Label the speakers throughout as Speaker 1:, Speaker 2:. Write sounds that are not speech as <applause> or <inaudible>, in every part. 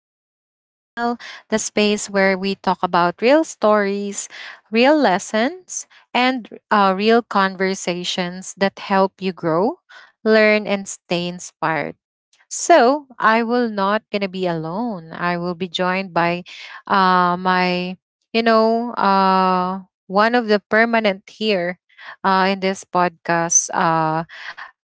Speaker 1: Ring the Bell, the space where we talk about real stories, real lessons, and real conversations that help you grow, learn, and stay inspired. So I will not gonna be alone. I will be joined by uh, my, you know, uh, one of the permanent here in this podcast,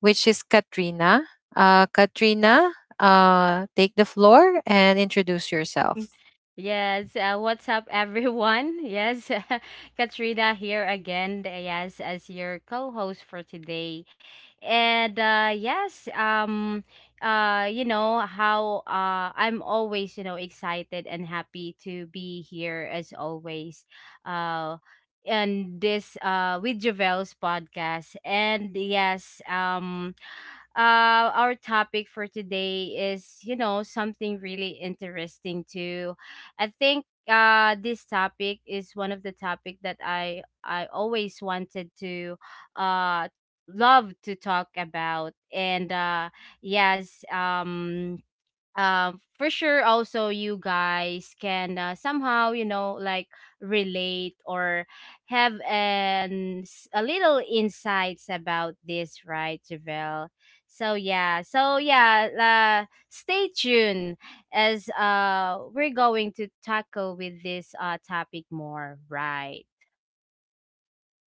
Speaker 1: which is Katrina. Katrina, take the floor and introduce
Speaker 2: <laughs>
Speaker 1: yourself.
Speaker 2: Yes, what's up, everyone? Yes, <laughs> Katrina here again. Yes, as your co-host for today, and you know how I'm always, excited and happy to be here as always, uh, and this with Javel's podcast. And yes, our topic for today is, something really interesting too. I think this topic is one of the topic that I always wanted to, uh, love to talk about, and yes, for sure also you guys can, somehow, like, relate or have a little insights about this, right, Javel? So yeah, stay tuned as we're going to tackle with this topic more, right?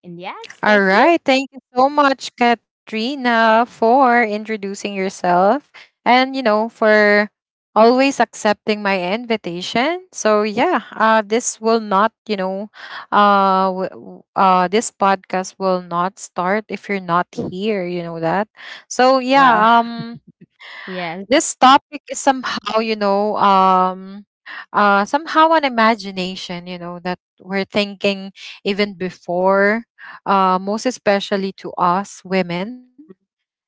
Speaker 2: And yes,
Speaker 1: All
Speaker 2: that's it.
Speaker 1: right. Thank you so much, Katrina, for introducing yourself and for always accepting my invitation. So, yeah, this will not, this podcast will not start if you're not here. You know that. So,
Speaker 2: Wow.
Speaker 1: yeah, um,
Speaker 2: Yes.
Speaker 1: this topic is somehow an imagination, that we're thinking even before, most especially to us women.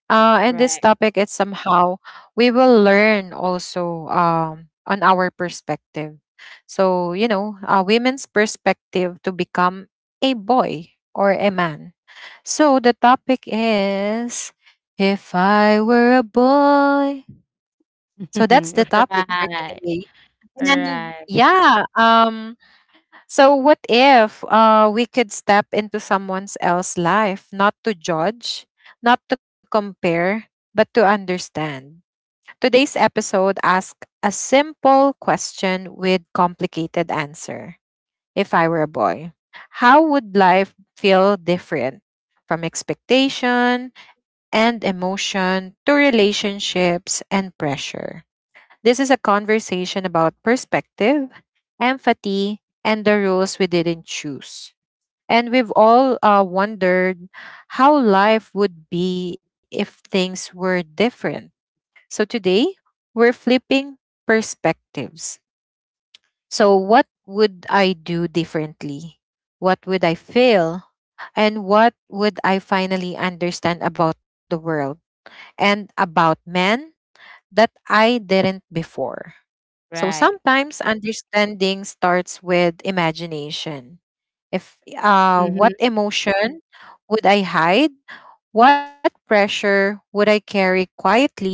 Speaker 1: And this
Speaker 2: Right.
Speaker 1: topic is somehow we will learn also on our perspective. So, a women's perspective to become a boy or a man. So the topic is, if I were a boy, so
Speaker 2: <laughs>
Speaker 1: that's the
Speaker 2: right
Speaker 1: topic for
Speaker 2: right.
Speaker 1: today. And
Speaker 2: right
Speaker 1: yeah, so what if we could step into someone's else life, not to judge, not to compare, but to understand? Today's episode asks a simple question with complicated answer. If I were a boy, how would life feel different from expectation and emotion to relationships and pressure? This is a conversation about perspective, empathy, and the roles we didn't choose. And we've all wondered how life would be if things were different. So today, we're flipping perspectives. So, what would I do differently? What would I fail? And what would I finally understand about the world and about men that I didn't before? So
Speaker 2: right
Speaker 1: sometimes understanding starts with imagination. If what
Speaker 2: Mm.
Speaker 1: emotion would I hide? What pressure would I carry quietly?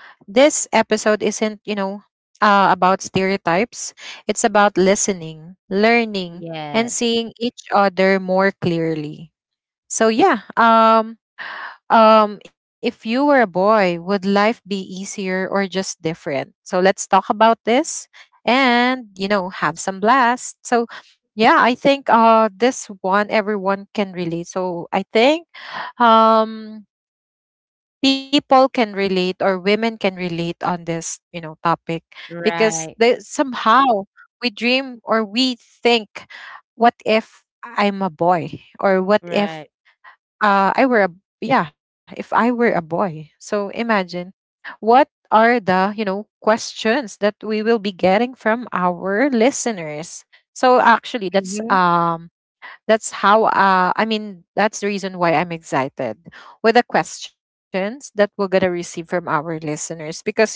Speaker 1: This episode isn't about stereotypes. It's about listening, learning, and
Speaker 2: Yes.
Speaker 1: seeing each other more clearly. So yeah, if you were a boy, would life be easier or just different? So let's talk about this and have some blast. So, yeah, I think this one everyone can relate. So, I think um people can relate or women can relate on this topic because they
Speaker 2: Right,
Speaker 1: somehow we dream or we think what if I'm a boy or what if
Speaker 2: right.
Speaker 1: I were a yeah, if I were a boy. So imagine what are the questions that we will be getting from our listeners. So actually, that's
Speaker 2: Mhm.
Speaker 1: um that's how, I mean, that's the reason why I'm excited with the questions that we're gonna receive from our listeners, because you know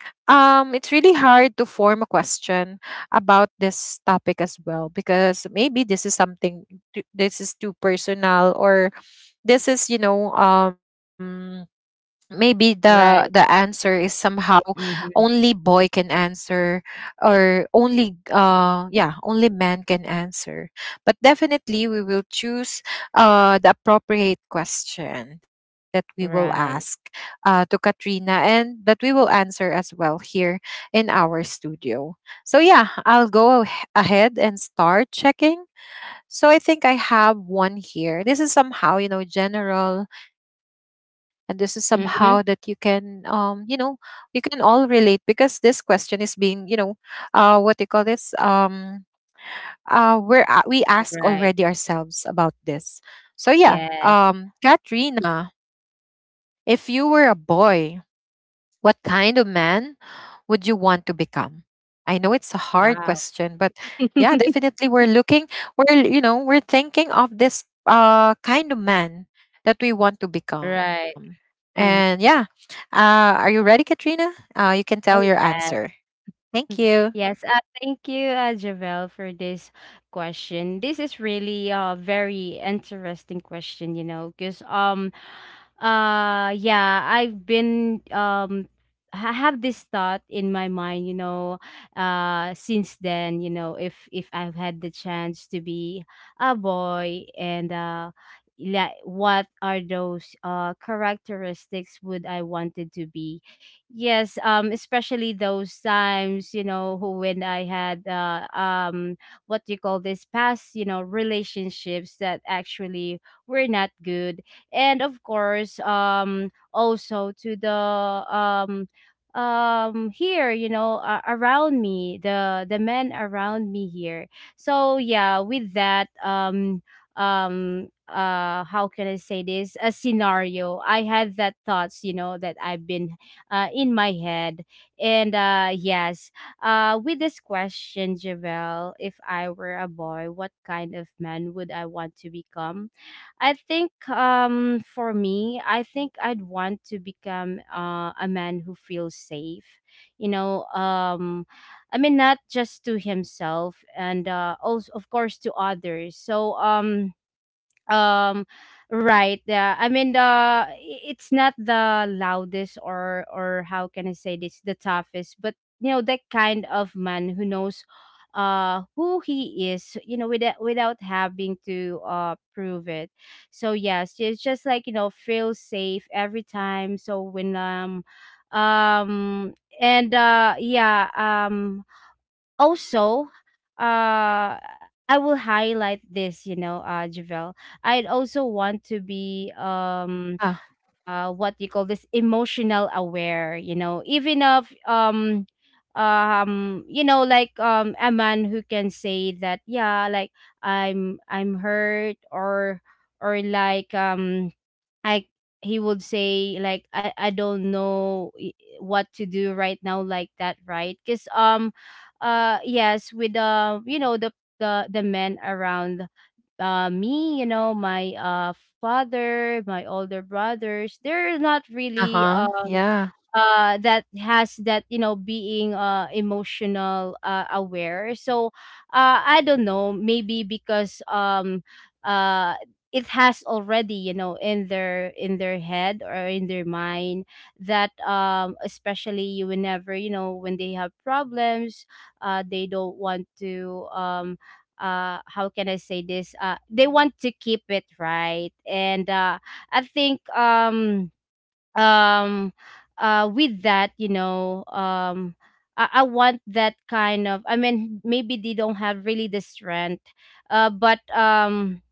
Speaker 1: um it's really hard to form a question about this topic as well, because maybe this is something, this is too personal, or this is, maybe the
Speaker 2: Right.
Speaker 1: answer is somehow only
Speaker 2: Mhm.
Speaker 1: boy can answer, or only man can answer, but definitely we will choose the appropriate question that we will ask
Speaker 2: Right.
Speaker 1: to Katrina and that we will answer as well here in our studio. So yeah, I'll go ahead and start checking. So I think I have one here. This is somehow general, and this is
Speaker 2: Mhm.
Speaker 1: somehow that you can, all relate because this question is being, what do you call this? We
Speaker 2: Right.
Speaker 1: ask already ourselves about this. So
Speaker 2: Yes.
Speaker 1: yeah, Katrina, if you were a boy, what kind of man would you want to become? I know it's a hard
Speaker 2: Wow.
Speaker 1: question, but yeah,
Speaker 2: <laughs>
Speaker 1: definitely we're looking, we're, you know, we're thinking of this kind of man that we want to become.
Speaker 2: Right.
Speaker 1: And yeah,
Speaker 2: Mhm.
Speaker 1: are you ready, Katrina? You can tell your
Speaker 2: Oh,
Speaker 1: answer.
Speaker 2: yes.
Speaker 1: Thank
Speaker 2: <laughs>
Speaker 1: you.
Speaker 2: Yes, thank you, Javel, for this question. This is really a very interesting question, because yeah, I've been I have this thought in my mind, since then, if I've had the chance to be a boy and. Like, what are those characteristics would I wanted to be? Yes, especially those times, who when I had what do you call this, past, relationships that actually were not good, and of course, also to the here, around me, the men around me here. So yeah, with that, how can I say this? A scenario. I had that thoughts, that I've been, in my head. And yes, with this question, Javel, if I were a boy, what kind of man would I want to become? I think for me, I think I'd want to become, a man who feels safe. You know, um, I mean, not just to himself and, also, of course, to others. So, um right, yeah, I mean it's not the loudest or how can I say this, the toughest, but you know that kind of man who knows, who he is, you know, without having to prove it. So yes, it's just like, you know, feel safe every time. So when um and yeah, also, uh I will highlight this, Javel, I'd also want to be,
Speaker 1: Ah.
Speaker 2: what do you call this, emotional aware, even of, you know, like, a man who can say that, yeah, like, I'm hurt, or like, I he would say, like, I don't know, what to do right now, like that, right? Cuz yes, with the, you know, the men around, me, you know, my, father, my older brothers,
Speaker 1: Uh
Speaker 2: they're not
Speaker 1: huh.
Speaker 2: really,
Speaker 1: Yeah.
Speaker 2: that has that, you know, being emotional, aware. So, I don't know, maybe because, uh it has already, you know, in their, in their head or in their mind that, especially whenever, you know, when they have problems, they don't want to, how can I say this, they want to keep it right. And, I think, um with that, I, want that kind of, I mean, maybe they don't have really the strength, but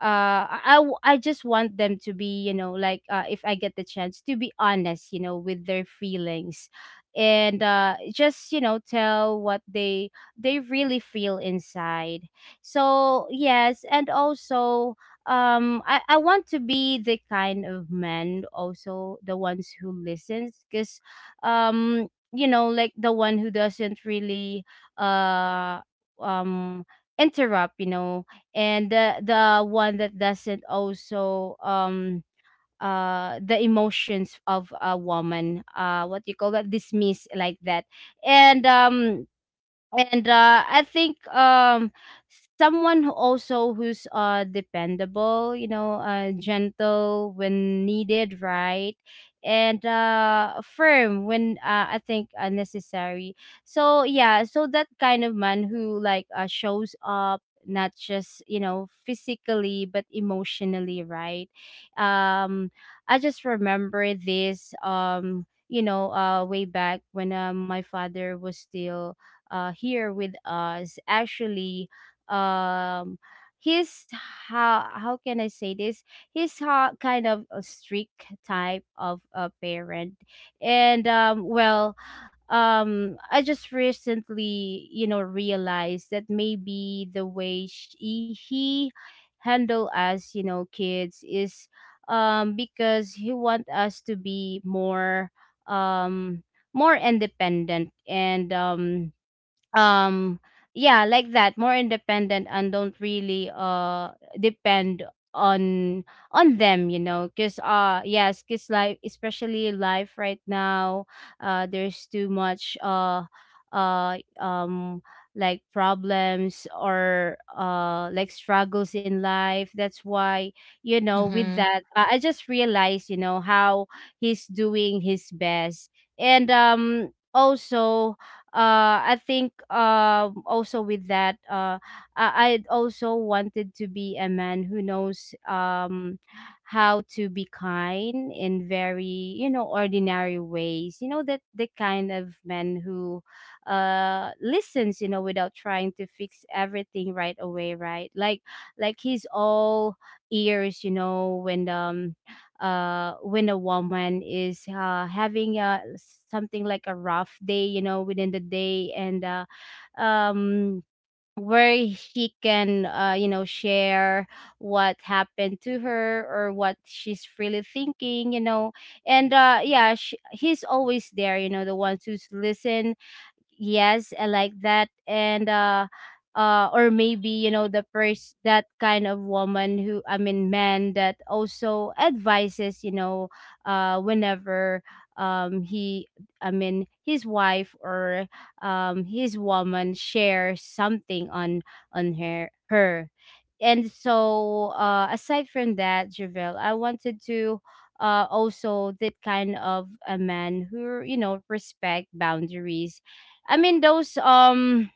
Speaker 2: I, just want them to be, you know, like, if I get the chance to be honest, you know, with their feelings, and, just, you know, tell what they really feel inside. So yes, and also, I, want to be the kind of man also, the ones who listens, because, you know, like, the one who doesn't really, uh um interrupt, you know, and the one that doesn't also, the emotions of a woman, what do you call that, dismiss, like that. And, I think, someone who also, who's, dependable, you know, gentle when needed, right, and firm when, I think, necessary. So yeah, so that kind of man who, like, shows up not just, you know, physically but emotionally, right? um I just remember this, way back when, my father was still, here with us actually. um he's, how can I say this, kind of a strict type of a parent. And, I just recently, you know, realized that maybe the way he handle us, you know, kids is, because he want us to be more, um, more independent, and, um yeah, like that, more independent, and don't really, depend on, them, you know, because, yes, because life, especially life right now, there's too much, uh um like problems, or, like struggles in life. That's why, you know,
Speaker 1: Mm-hmm.
Speaker 2: with that, I just realized, you know, how he's doing his best. And, also, I think, also with that, I, also wanted to be a man who knows, how to be kind in very, you know, ordinary ways. You know, that the kind of man who, listens, you know, without trying to fix everything right away, right? Like he's all ears, you know, when, when a woman is, having a, something like a rough day, you know, within the day. And, um where she can, you know, share what happened to her, or what she's really thinking, you know. And, yeah, sh he's always there, you know, the ones who's listen, yes, I like that. And, or maybe, you know, the first, that kind of woman who, I mean, man that also advises, you know, whenever, he, I mean, his wife, or, his woman shares something on, her, and so, aside from that, Javel, I wanted to, also that kind of a man who, you know, respect boundaries. I mean those, um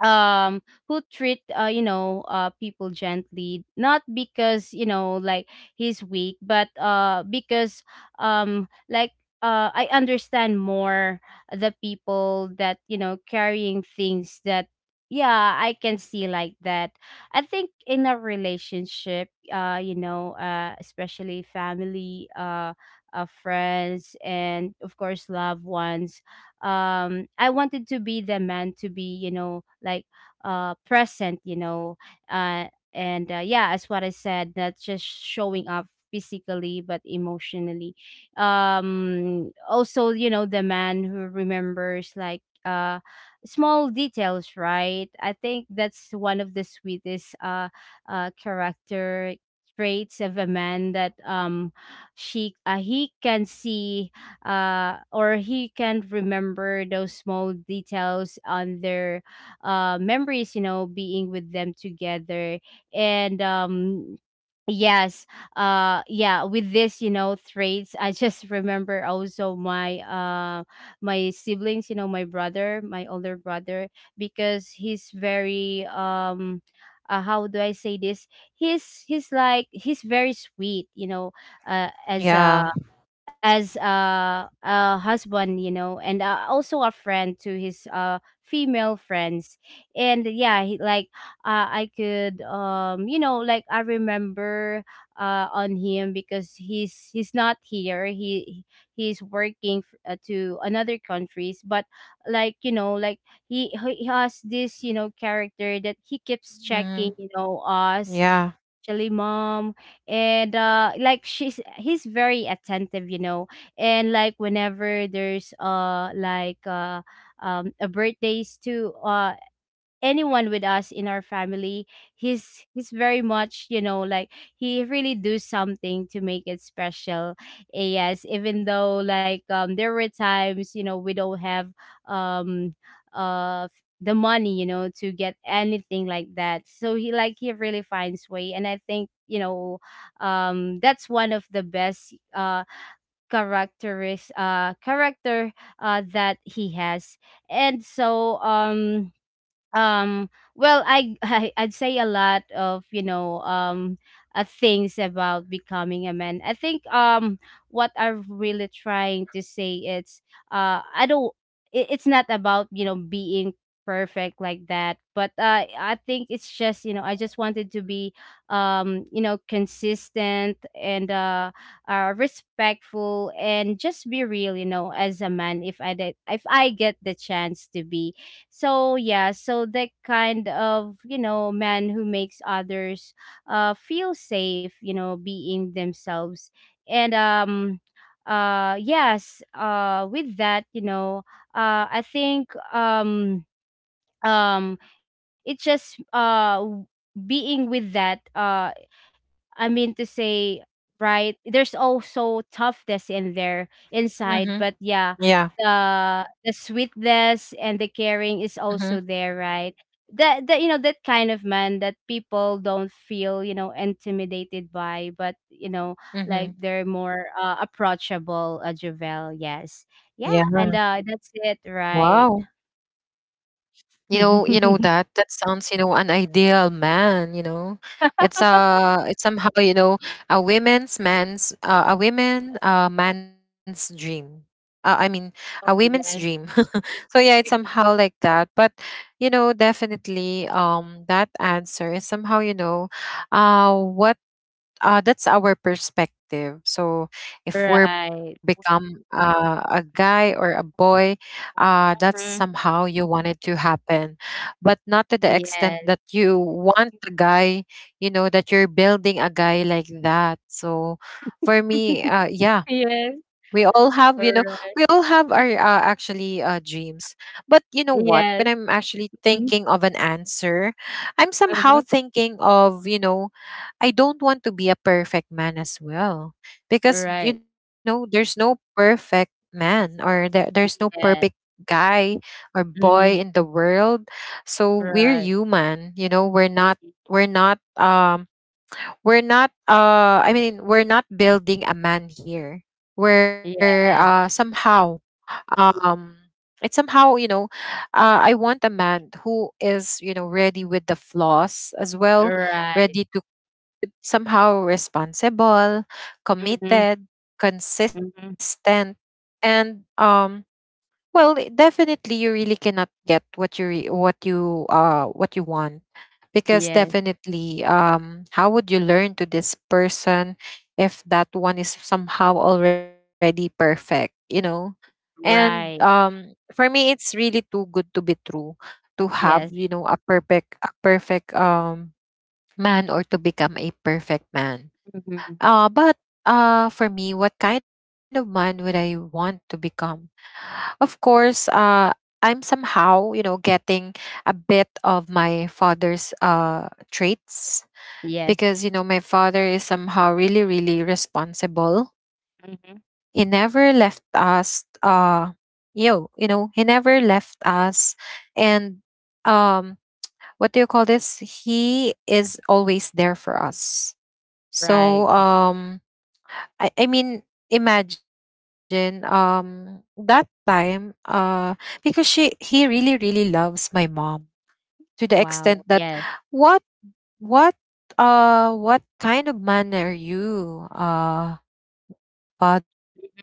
Speaker 2: um who treat, you know, people gently, not because, you know, like he's weak, but, because, like, I understand more the people that, you know, carrying things that, yeah, I can see like that. I think in a relationship, you know, especially family, friends, and of course loved ones, I wanted to be the man to be, you know, like, present, you know. Uh and, yeah, as what I said, not just showing up physically but emotionally. Also, you know, the man who remembers, like, small details, right? I think that's one of the sweetest, character traits of a man, that, she, he can see, or he can remember those small details on their, memories, you know, being with them together. And, yes, yeah, with this, you know, traits, I just <laughs> remember also my, my siblings, you know, my brother, my older brother, because he's very, how do I say this, he's like, he's very sweet, you know, as
Speaker 1: Yeah.
Speaker 2: a, as a husband, you know, and, also a friend to his female friends. And yeah, he, like, I could, you know, like, I remember, on him, because he's not here. He's working to another countries, but like he he has this, character that he keeps
Speaker 1: Mm-hmm.
Speaker 2: checking, us.
Speaker 1: Yeah.
Speaker 2: Actually, mom. And like, she's he's very attentive, you know. And like, whenever there's a birthdays too, anyone with us in our family, he's very much, you know, like, he really do something to make it special. Yes, even though like, there were times, you know, we don't have um the money, you know, to get anything like that. So he, like, he really finds way. And I think, you know, that's one of the best character that he has. And so um well, I, <laughs> I'd say a lot of, you know, things about becoming a man. I think what I'm really trying to say is I don't it's not about, you know, being perfect like that. But I think it's just, you know, I just wanted to be you know, consistent and respectful, and just be real, you know, as a man, if I did, if I get the chance to be. So yeah, so that kind of, you know, man who makes others feel safe, you know, being themselves. And yes, with that, you know, I think um it's just being with that, I mean to say, right? There's also toughness in there
Speaker 1: Mm-hmm.
Speaker 2: inside, but
Speaker 1: Yeah.
Speaker 2: yeah, the sweetness and the caring is
Speaker 1: Mm-hmm.
Speaker 2: also there, right? That, you know, that kind of man that people don't feel, you know, intimidated by, but you know,
Speaker 1: Mm-hmm.
Speaker 2: like they're more approachable. Javel,
Speaker 1: Yeah.
Speaker 2: yes, yeah, and that's it,
Speaker 1: Wow.
Speaker 2: right?
Speaker 1: You know, that
Speaker 2: <laughs>
Speaker 1: sounds an ideal man, It's somehow, you know, a women's man's, a women man's dream. I mean, a women's
Speaker 2: Oh
Speaker 1: dream. <laughs>
Speaker 2: yes,
Speaker 1: So yeah, it's somehow like that, but definitely that answer is somehow, you know, what that's our perspective. So if we're
Speaker 2: right.
Speaker 1: become a guy or a boy, that's somehow
Speaker 2: Mhm.
Speaker 1: you wanted to happen, but not to the extent that
Speaker 2: Yes.
Speaker 1: you want a guy. You know that you're building a guy like that. So for me, yeah. We
Speaker 2: Yes.
Speaker 1: all have, you know, we all have
Speaker 2: Alright.
Speaker 1: our, actually, dreams. But you know what? When I'm
Speaker 2: Yes.
Speaker 1: actually thinking
Speaker 2: Mhm.
Speaker 1: of an answer, I'm somehow
Speaker 2: Uh-huh.
Speaker 1: thinking of, I don't want to be a perfect man as well, because
Speaker 2: Alright.
Speaker 1: there's no perfect man, or there's no perfect
Speaker 2: Yeah.
Speaker 1: guy or boy
Speaker 2: Mhm.
Speaker 1: in the world. So we're
Speaker 2: Right.
Speaker 1: human, we're not
Speaker 2: Mhm.
Speaker 1: we're not I mean, we're not building a man here. We're
Speaker 2: Yes.
Speaker 1: somehow um it's somehow, I want a man who is ready with the flaws as well,
Speaker 2: Right.
Speaker 1: ready, somehow responsible,
Speaker 2: Mhm.
Speaker 1: committed,
Speaker 2: Mhm.
Speaker 1: consistent, and well, definitely you really cannot get what you re- what you want, because
Speaker 2: Yes.
Speaker 1: definitely how would you learn to this person if that one is somehow already perfect, you know? And
Speaker 2: Right.
Speaker 1: for me it's really too good to be true to have,
Speaker 2: Yes.
Speaker 1: you know, a perfect man, or to become a perfect man,
Speaker 2: Mhm.
Speaker 1: but for me, what kind of man would I want to become? Of course, I'm somehow getting a bit of my father's traits,
Speaker 2: Yes.
Speaker 1: because, my father is somehow really, really responsible.
Speaker 2: Mhm.
Speaker 1: He never left us, he never left us. And um, what do you call this? He is always there for us.
Speaker 2: Right.
Speaker 1: So, I mean imagine, that time, because she he really really loves my mom, to the
Speaker 2: Wow. Yes.
Speaker 1: extent that, what what what kind of man are you,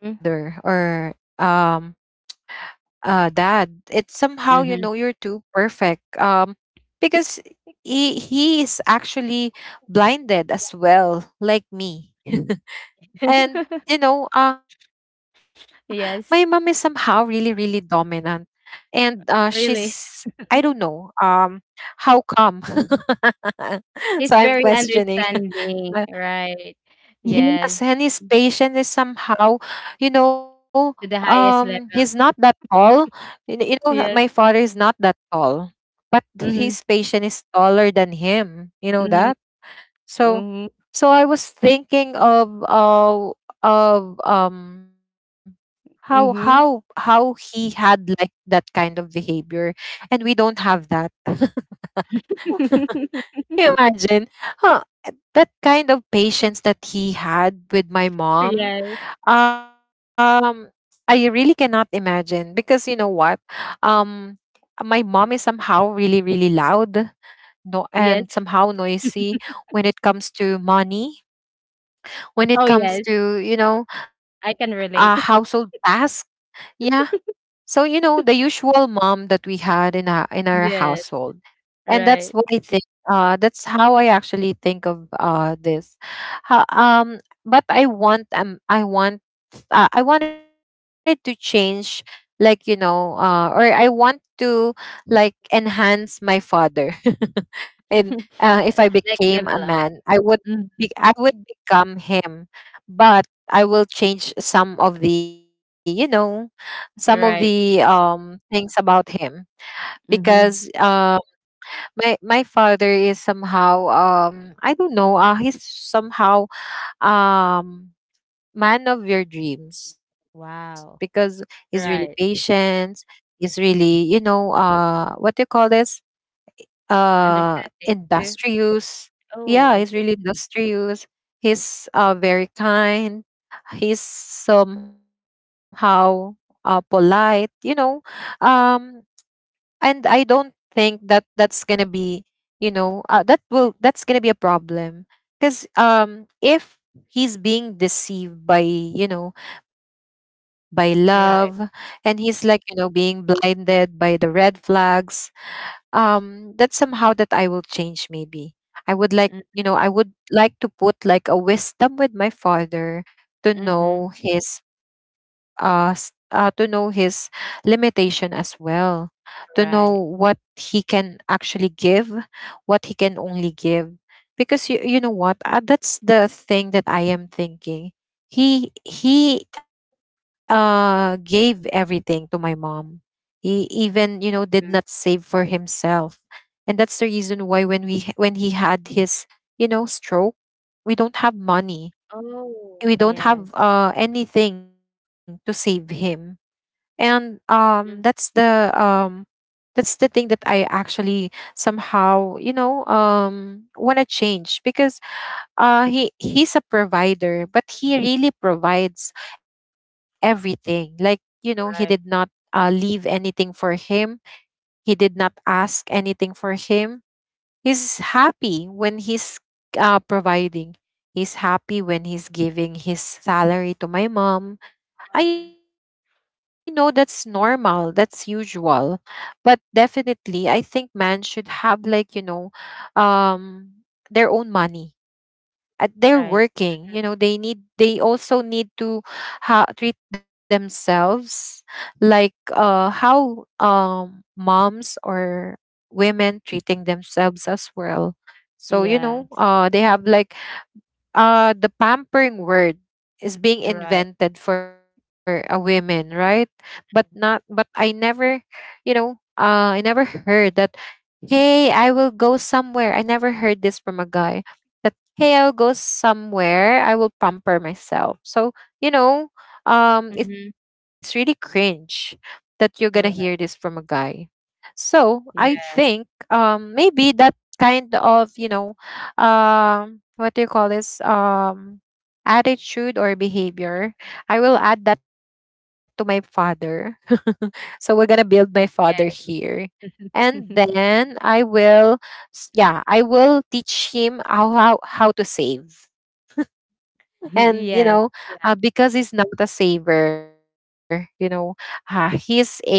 Speaker 2: Mhm.
Speaker 1: or dad. It's somehow,
Speaker 2: Mhm.
Speaker 1: you're too perfect, because he is actually blinded as well, like me. <laughs> And
Speaker 2: <laughs>
Speaker 1: you know uh my mom is somehow really
Speaker 2: Yes.
Speaker 1: really dominant, and she's, I
Speaker 2: Really.
Speaker 1: don't know, how come. <laughs> So I'm
Speaker 2: He's very
Speaker 1: questioning. <laughs> Uh,
Speaker 2: understanding. Right.
Speaker 1: yes, and
Speaker 2: Yes.
Speaker 1: his patient is somehow, you know
Speaker 2: To the
Speaker 1: he's not
Speaker 2: highest
Speaker 1: that
Speaker 2: level.
Speaker 1: tall, you kn- you know my father is
Speaker 2: Yes.
Speaker 1: not that tall, but his
Speaker 2: Mhm.
Speaker 1: patient is taller than him, you know that.
Speaker 2: Mhm.
Speaker 1: so
Speaker 2: Mhm.
Speaker 1: so I was thinking of how how
Speaker 2: Mhm.
Speaker 1: how he had like that kind of behavior, and we don't have that. Can you
Speaker 2: <laughs>
Speaker 1: imagine, huh, that kind of patience that he had with my mom.
Speaker 2: Yes.
Speaker 1: Um I really cannot imagine, because you know what? Um my mom is somehow really, really loud, no, and
Speaker 2: Yes.
Speaker 1: somehow noisy, when it comes to money, when
Speaker 2: Oh,
Speaker 1: it
Speaker 2: yes.
Speaker 1: comes to,
Speaker 2: I can
Speaker 1: household
Speaker 2: relate. <laughs>
Speaker 1: task, yeah. So the usual mom that we had in our
Speaker 2: Yes.
Speaker 1: household. And that's
Speaker 2: Right.
Speaker 1: what I think. That's how I actually think of, this. Ho- um, but I wanted to change, like, or I want to, like, enhance my father. And
Speaker 2: <laughs>
Speaker 1: if I became
Speaker 2: Like
Speaker 1: a
Speaker 2: level
Speaker 1: man,
Speaker 2: up.
Speaker 1: I would
Speaker 2: Mm.
Speaker 1: be, I would become him, but I will change some of the
Speaker 2: Right.
Speaker 1: things about him, because
Speaker 2: Mm-hmm.
Speaker 1: my father is somehow, I don't know, he's somehow, um man of your dreams,
Speaker 2: Wow.
Speaker 1: because he's really
Speaker 2: Right.
Speaker 1: patient. He's really, what do you call this?
Speaker 2: Understanding
Speaker 1: uh
Speaker 2: too.
Speaker 1: Industrious.
Speaker 2: Oh, okay.
Speaker 1: Yeah, he's really industrious. He's very kind. He's somehow polite, um and I don't think that that's gonna be, that's gonna be a problem because, if he's being deceived by, you know, by
Speaker 2: Right.
Speaker 1: love, and he's like, you know, being blinded by the red flags. That's somehow that I will change. Maybe I would like, you know, I would like to put like a wisdom with my father
Speaker 2: Mm-hmm.
Speaker 1: to know his to know his limitation as well, to
Speaker 2: Right.
Speaker 1: know what he can actually give, what he can only give. Because you know what, that's the thing that I am thinking. He gave everything to my mom. He even, you know, did not
Speaker 2: Mhm.
Speaker 1: save for himself. And that's the reason why when he had his, you know, stroke, we don't have money,
Speaker 2: Oh,
Speaker 1: we don't
Speaker 2: yes.
Speaker 1: have anything to save him. And that's
Speaker 2: Mhm.
Speaker 1: the that's the thing that I actually somehow, you know, want to change. Because he's a provider, but he really provides everything, like, you know, he did not
Speaker 2: Right.
Speaker 1: leave anything for him. He did not ask anything for him. He's happy when he's providing. He's happy when he's giving his salary to my mom. I know
Speaker 2: Mhm.
Speaker 1: that's normal, that's usual. But definitely, I think man should have, like, um their own money. At they're working, you
Speaker 2: Right.
Speaker 1: know, they need, they also need to treat themselves, like, how moms or women treating themselves as well. So, you know,
Speaker 2: Yes.
Speaker 1: they have like the pampering word is being
Speaker 2: Right.
Speaker 1: invented for a women, right? But not, but I never, you know, I never heard that. Hey, I will go somewhere. I never heard this from a guy. That, hey, I will go somewhere, I will pamper myself. So, you know, it's really
Speaker 2: Mm-hmm.
Speaker 1: cringe that you're gonna hear this from a
Speaker 2: Right.
Speaker 1: guy. So I think,
Speaker 2: Yes.
Speaker 1: maybe that kind of, you know, what do you call this? Attitude or behavior, I will add that to my father. <laughs> So we're gonna build my father here,
Speaker 2: Yes.
Speaker 1: and then
Speaker 2: <laughs>
Speaker 1: I will yeah, I will teach him how to save. And, you
Speaker 2: Yes.
Speaker 1: know,
Speaker 2: Yeah.
Speaker 1: because he's not a saver, you know, he's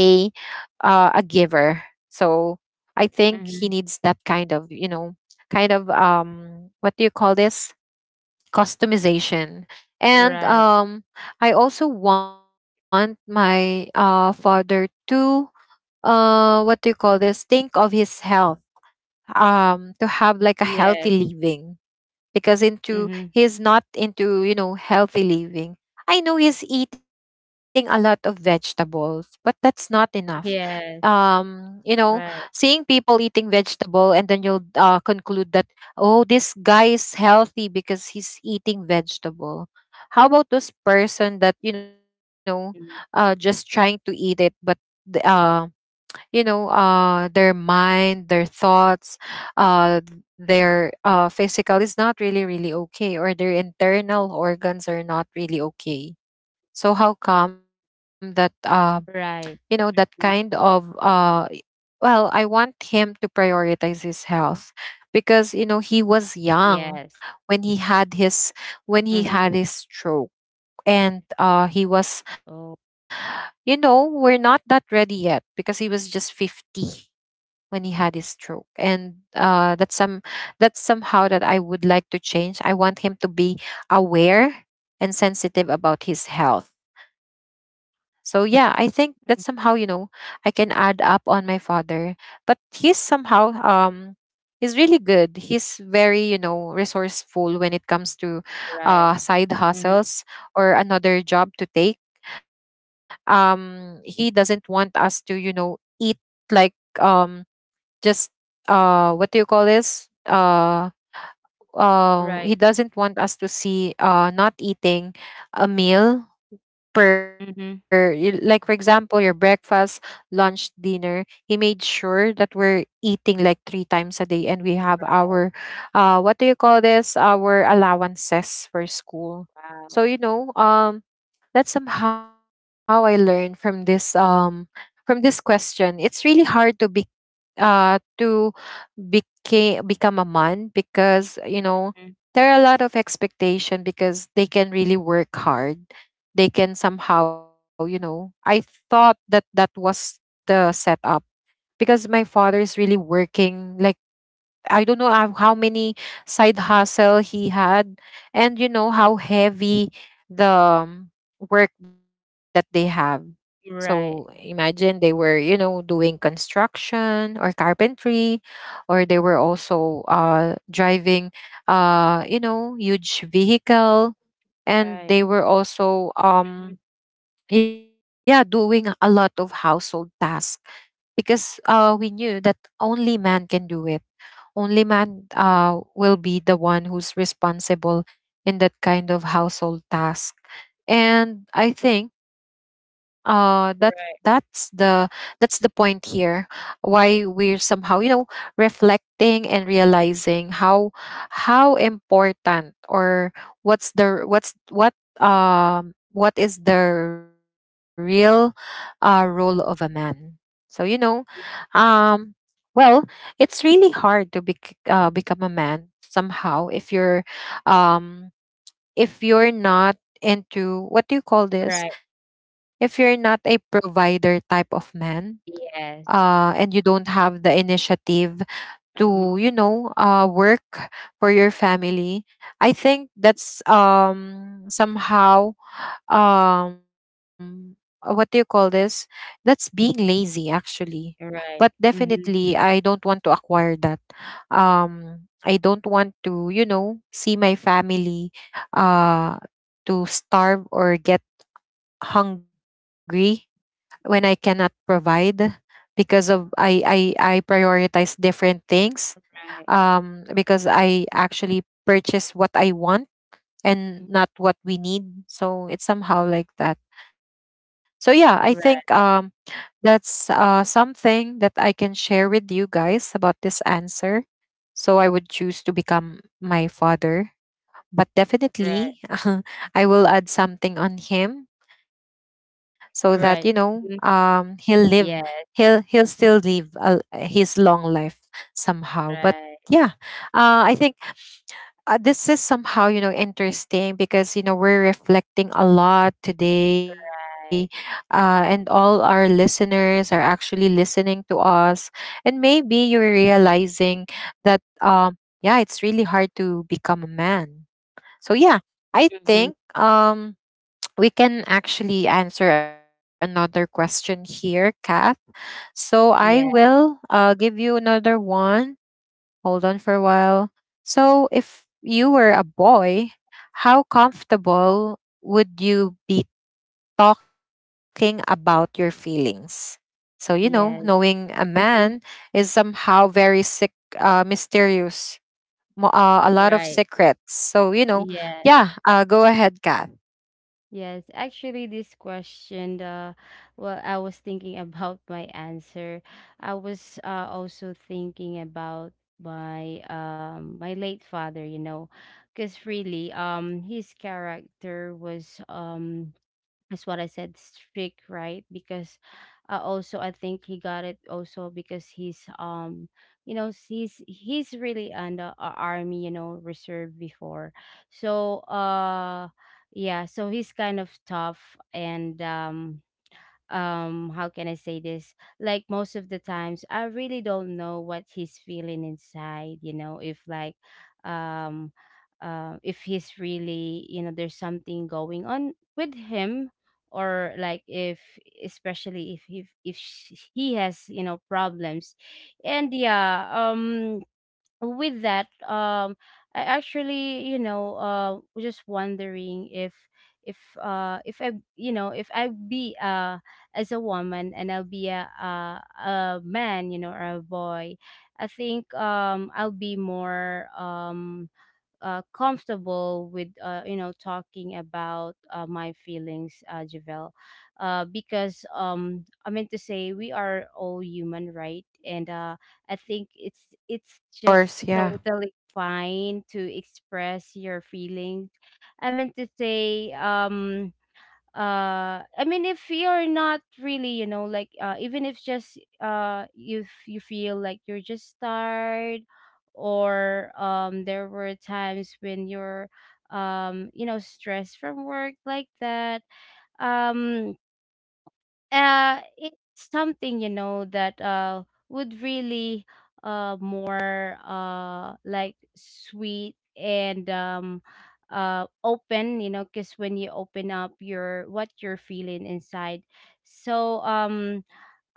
Speaker 1: a giver. So I think he needs that
Speaker 2: Mm-hmm.
Speaker 1: kind of, you know, kind of what do you call this? Customization. And
Speaker 2: Right.
Speaker 1: I also want my father to what do you call this? Think of his health. To have like a
Speaker 2: Yes.
Speaker 1: healthy living, because
Speaker 2: Mm-hmm.
Speaker 1: into he's not into, you know, healthy living. I know he's eating a lot of vegetables, but that's not enough.
Speaker 2: Yes.
Speaker 1: You know,
Speaker 2: Right.
Speaker 1: seeing people eating vegetable, and then you'll conclude that, oh, this guy is healthy because he's eating vegetable. How about this person that,
Speaker 2: Mm.
Speaker 1: you know, just trying to eat it, but the- uh you know, their mind, their thoughts, uh their physical is not really okay, or their internal organs are not really okay. So how come that
Speaker 2: Right.
Speaker 1: you
Speaker 2: Mm.
Speaker 1: know, that kind of well, I want him to prioritize his health. Because, you know, he
Speaker 2: Yes.
Speaker 1: was young when he had his,
Speaker 2: Mm-hmm.
Speaker 1: when he had his stroke. And he
Speaker 2: Oh.
Speaker 1: was, you know, we're not that ready yet because he was just 50 when he had his stroke. And that's some, that's somehow that I would like to change. I want him to be aware and sensitive about his health. So yeah, I think that
Speaker 2: Mm.
Speaker 1: somehow, you know, I can add up on my father. But he's somehow, he's really good, he's very, you know, resourceful when it comes to
Speaker 2: Right.
Speaker 1: side
Speaker 2: Mm-hmm.
Speaker 1: hustles or another job to take. He doesn't want us to, you know, eat like, um just, what do you call this? Uh He
Speaker 2: Right.
Speaker 1: doesn't want us to see not eating a meal per
Speaker 2: Mm-hmm.
Speaker 1: like for example, your breakfast, lunch, dinner. He made sure that we're eating like three times a day, and we have our what do you call this, our allowances for school.
Speaker 2: Wow.
Speaker 1: So, you know, that's somehow I learned from this from this question. It's really hard to be to became become a man, because, you know,
Speaker 2: Mm.
Speaker 1: there are a lot of expectation because they can really work hard. They can somehow, you know, I thought that that was the setup. Because my father is really working like, I don't know, how many side hustle he had. And you know how heavy the um, work that they have. So
Speaker 2: Right.
Speaker 1: imagine they were, you know, doing construction or carpentry, or they were also driving you know, huge vehicle, and
Speaker 2: Right.
Speaker 1: they were also,
Speaker 2: Mhm.
Speaker 1: yeah, doing a lot of household tasks. Because we knew that only man can do it. Only man will be the one who's responsible in that kind of household task. And I think, uh, that that's
Speaker 2: Right.
Speaker 1: the that's the point here, why we're somehow, you know, reflecting and realizing how important, or what's the what's what what is the real role of a man. So, you know, um well, it's really hard to become a man somehow um if you're not into what do you call this,
Speaker 2: Right.
Speaker 1: if you're not a provider type of man,
Speaker 2: Yes.
Speaker 1: and you don't have the initiative to, you
Speaker 2: Mm-hmm.
Speaker 1: know, work for your family. I think that's somehow um what do you call this? That's being lazy, actually. But
Speaker 2: Right.
Speaker 1: definitely,
Speaker 2: Mm-hmm.
Speaker 1: I don't want to acquire that. um I don't want to, you know, see my family uh to starve or get hungry when I cannot provide because of I prioritize different things.
Speaker 2: Right.
Speaker 1: Because I actually purchase what I want
Speaker 2: Mhm.
Speaker 1: and not what we need. So it's somehow like that. So yeah, I
Speaker 2: Right.
Speaker 1: think that's something that I can share with you guys about this answer. So I would choose to become my father, but
Speaker 2: Right.
Speaker 1: definitely <laughs> I will add something on him, so that, you know,
Speaker 2: Right.
Speaker 1: he'll
Speaker 2: Mm-hmm.
Speaker 1: live, he'll
Speaker 2: Yes.
Speaker 1: he'll still live a, his long life somehow. But yeah,
Speaker 2: Right.
Speaker 1: I think this is somehow, you know, interesting because, you know, we're reflecting a lot today,
Speaker 2: Right.
Speaker 1: and all our listeners are actually listening to us. And maybe you're realizing that, yeah, it's really hard to become a man. So yeah, I
Speaker 2: Mm-hmm.
Speaker 1: think <tsk> we can actually answer another question here, Kath. So I
Speaker 2: Yeah.
Speaker 1: will, give you another one. Hold on for a while. So, if you were a boy, how comfortable would you be talking about your feelings? So, you know,
Speaker 2: Yes.
Speaker 1: knowing a
Speaker 2: Mm-hmm.
Speaker 1: man is somehow very sick, mysterious, a
Speaker 2: Right.
Speaker 1: lot of secrets. So, you know,
Speaker 2: Yes.
Speaker 1: yeah, go ahead, Kath.
Speaker 2: Yes, actually, this question, well, I was thinking <laughs> about my answer. I was, also thinking about my, my late father, you know, because really, his character was, that's what I said, strict, right? Because also I think he got it also because he's, you know, he's really an army, you know, reserve before. So yeah, so he's kind of tough. And how can I say this, like, most of the times I really don't know what he's feeling inside. You know, if like, um if he's really, you know, there's something going on with him. Or like if, especially if he has, you know, problems. And yeah, with that, I actually, you know, was just wondering if, if I, you know, if I be as a woman, and I'll be a man, you know, or a boy, I think, I'll be more, comfortable with, you know, talking about my feelings, Javel. Because, I mean to say, we are all human, right? And I think it's
Speaker 1: Of
Speaker 2: just
Speaker 1: course, yeah,
Speaker 2: totally fine to express your feelings. I mean to say, I mean, if you're not really, you know, like, even if just, if you feel like you're just tired, or there were times when you're, you know, stressed from work, like that. um it's something, you know, that would really more like sweet and open, you know, because when you open up your what you're feeling inside. So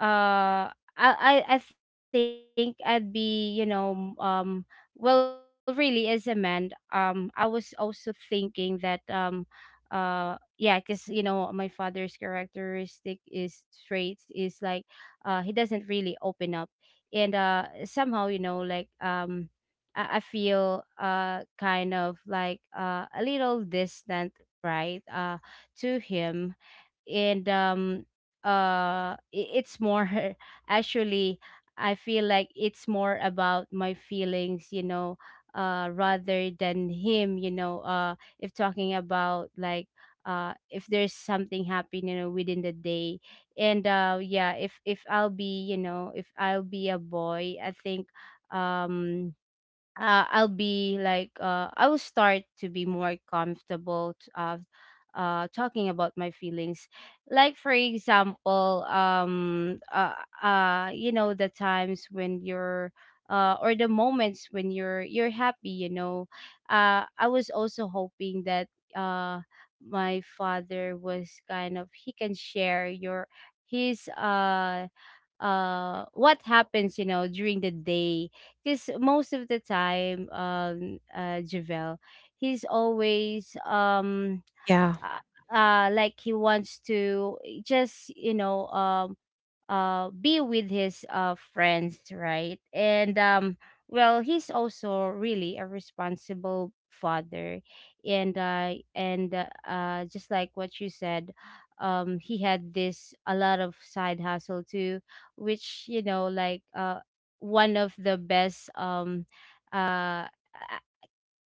Speaker 2: uh I, I think I'd be, you know, well, really as a man, I was also thinking that, uh yeah, because, you know, my father's characteristic is traits is like, he doesn't really open up. And somehow, you know, like, I feel kind of like a little distant, right, to him. And it's more, <laughs> actually, I feel like it's more about my feelings, you know, rather than him. You know, if talking about like, if there's something happening, you know, within the day. And yeah, if I'll be, you know, if I'll be a boy, I think, um I'll be like, I will start to be more comfortable, talking about my feelings. Like, for example, you know, the times when you're, or the moments when you're happy. You know, I was also hoping that, uh, my father was kind of, he can share your his, what happens, you know, during the day, because most of the time, Javel, he's always,
Speaker 1: yeah,
Speaker 2: like, he wants to just, you know, be with his friends, right? And well, he's also really a responsible father, and just like what you said, he had this a lot of side hustle too, which, you know, like, one of the best, uh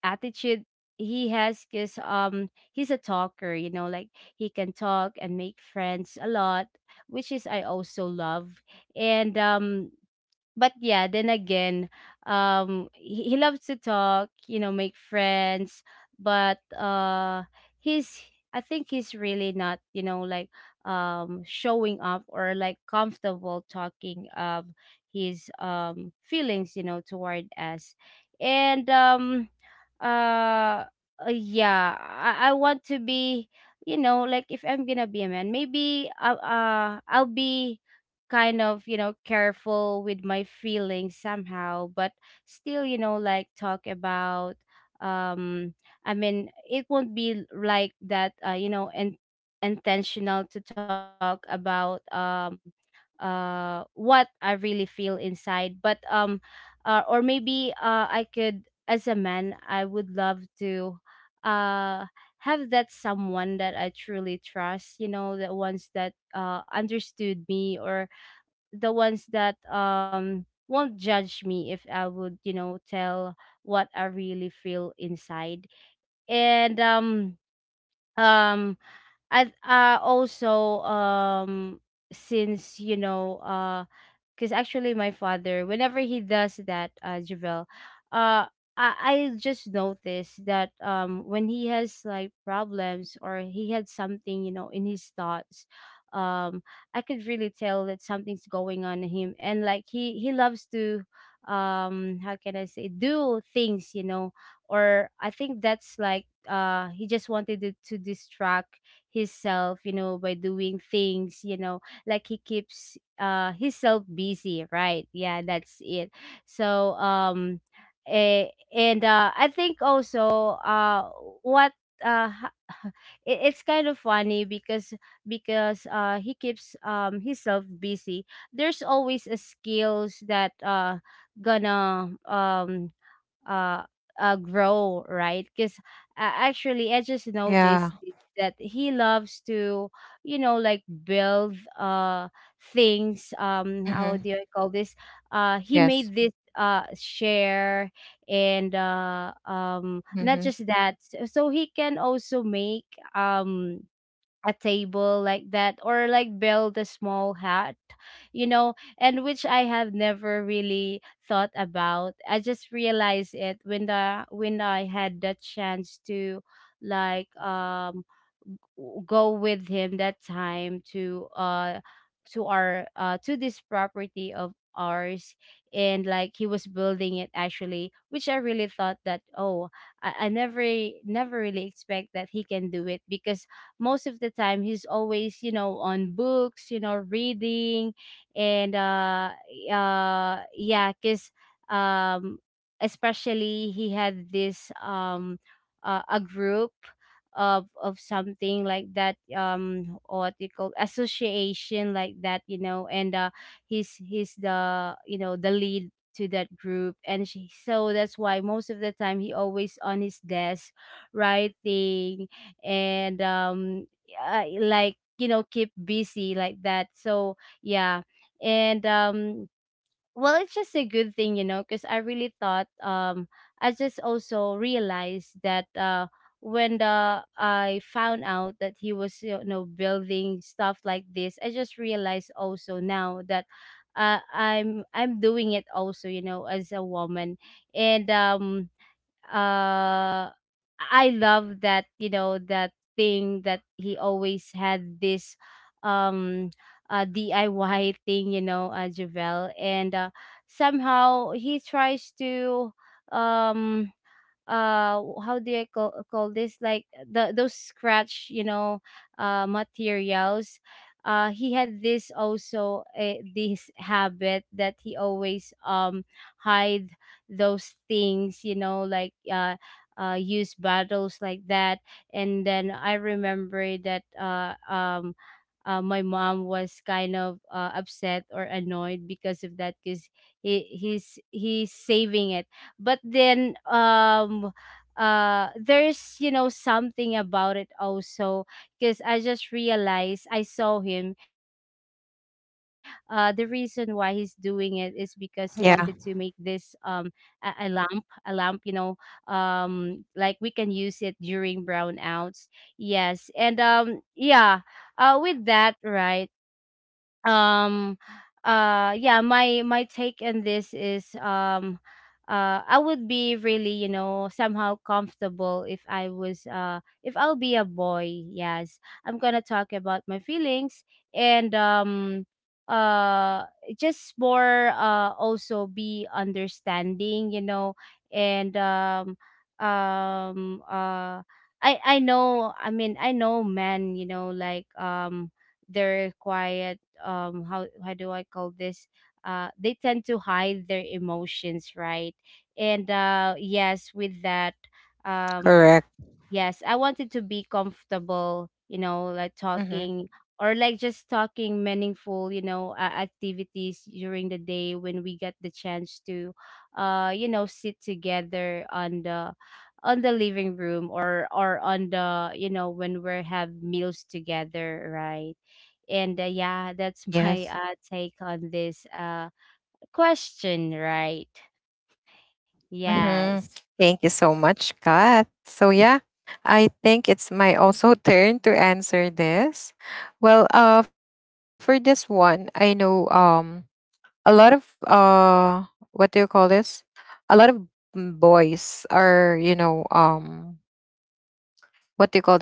Speaker 2: attitude he has. Because, he's a talker, you know, like, he can talk and make friends a lot, which is I also love. And but yeah, then again, he loves to talk, you know, make friends, but he's, I think he's really not, you know, like, showing up, or like comfortable talking of his, feelings, you know, toward us. And uh, yeah, I want to be, you know, like, if I'm gonna be a man, maybe, I'll be kind of, you know, careful with my feelings somehow, but still, you know, like, talk about, um I mean, it won't be like that, you know, and intentional to talk about, what I really feel inside. But or maybe, I could, as a man, I would love to, uh have that someone that I truly trust, you know, the ones that understood me, or the ones that won't judge me if I would, you know, tell what I really feel inside. And um I, also, since, you know, because actually my father, whenever he does that, Javel, uh I, I just noticed that, when he has like problems, or he had something, you know, in his thoughts, um I could really tell that something's going on in him. And like, he loves to, how can I say, do things, you know, or I think that's like he just wanted to distract himself, you know, by doing things, you know, like, he keeps himself busy, right? Yeah, that's it. So eh, and I think also, what uh <laughs> it's kind of funny because, because he keeps, himself busy, there's always a skills that gonna, uh, grow, right? Because, actually, I just noticed
Speaker 1: yeah.
Speaker 2: that he loves to, you know, like, build things.
Speaker 1: Mm-hmm.
Speaker 2: How do I call this,
Speaker 1: Yes.
Speaker 2: he made this share, and
Speaker 1: Mm-hmm.
Speaker 2: not just that, so he can also make, um a table like that, or like, build a small hut, you know, and which I have never really thought about. I just realized it when the when I had the chance to, like, go with him that time, to, to our, to this property of ours. And like, he was building it, actually, which I really thought that, oh, I never really expect that he can do it. Because most of the time he's always, you know, on books, you know, reading, and yeah, because, um especially he had this, a group of something like that, what you call, association like that, you know, and he's the, you know, the lead to that group. And she, so that's why most of the time he always on his desk writing, and like, you know, keep busy like that. So yeah. And well, it's just a good thing, you know, because I really thought, I just also realized that, when the I found out that he was, you know, building stuff like this, I just realized also now that, I'm doing it also, you know, as a woman. And uh I love that, you know, that thing, that he always had this, um DIY thing, you know, Javel. And somehow he tries to, um how do I call this, like the, those scratch, you know, materials, he had this also, this habit that he always, hide those things, you know, like, use bottles like that. And then I remember that, my mom was kind of, upset or annoyed because of that, because he's saving it. But then, there's, you know, something about it also, because I just realized, I saw him, the reason why he's doing it is because he wanted to make
Speaker 1: Yeah,
Speaker 2: this, a lamp, a lamp, you know, like, we can use it during brownouts. Yes. And yeah, with that, right? um yeah, my take on this is, I would be really, you know, somehow comfortable if I was If I'll be a boy, yes, I'm gonna talk about my feelings. And um uh just more, also be understanding, you know. And um um uh I I know, I mean, I know men, you know, like, they're quiet. How do I call this? They tend to hide their emotions, right? And yes, with that, um
Speaker 1: correct.
Speaker 2: yes, I wanted to be comfortable, you know, like talking,
Speaker 1: Mm-hmm.
Speaker 2: or like just talking meaningful, you know, activities during the day when we get the chance to you know, sit together on the living room, or on the, you know, when we have meals together, right? And yeah that's <laughs>
Speaker 1: Yes.
Speaker 2: my take on this question, right? Yes,
Speaker 1: Mm-hmm. Thank you so much, Kat. So yeah, I think it's my also turn to answer this. Well, for this one, I know a lot of what do you call this? A lot of boys are, you know,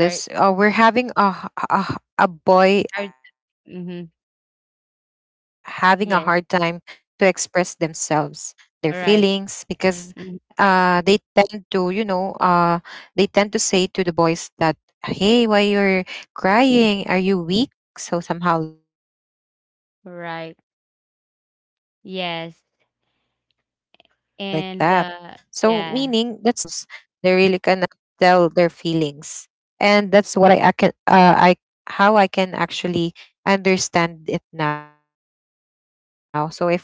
Speaker 2: right.
Speaker 1: what do you call this? We're having a
Speaker 2: I,
Speaker 1: boy
Speaker 2: mm-hmm,
Speaker 1: having a hard time to express
Speaker 2: yes,
Speaker 1: themselves, their feelings, because
Speaker 2: right,
Speaker 1: they
Speaker 2: mhm,
Speaker 1: tend to, you know, they tend to say to the boys that, hey, why you're crying? Are you weak? So somehow like that. So
Speaker 2: right,
Speaker 1: meaning that's the reason why
Speaker 2: yes,
Speaker 1: they really cannot express
Speaker 2: and
Speaker 1: themselves,
Speaker 2: yeah,
Speaker 1: they really cannot tell their feelings. And that's what I how I can actually understand it now. So if I were a boy,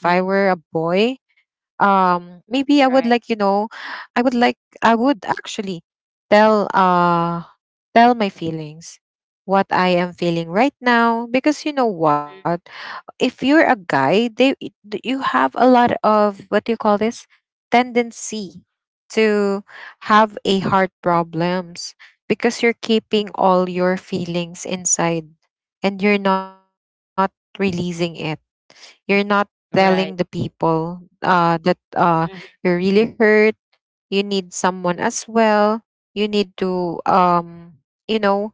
Speaker 2: mhm,
Speaker 1: maybe I would like, you know,
Speaker 2: right,
Speaker 1: I would like, I would actually tell tell my feelings, what I am feeling right now. Because you know what, if you're a guy, you have a lot of what do you call this, tendency to have a heart problems, because you're keeping all your feelings inside, and you're not releasing it. You're not
Speaker 2: mhm, right,
Speaker 1: telling the people that
Speaker 2: mhm,
Speaker 1: you're really hurt. You need someone as well. You need to you know,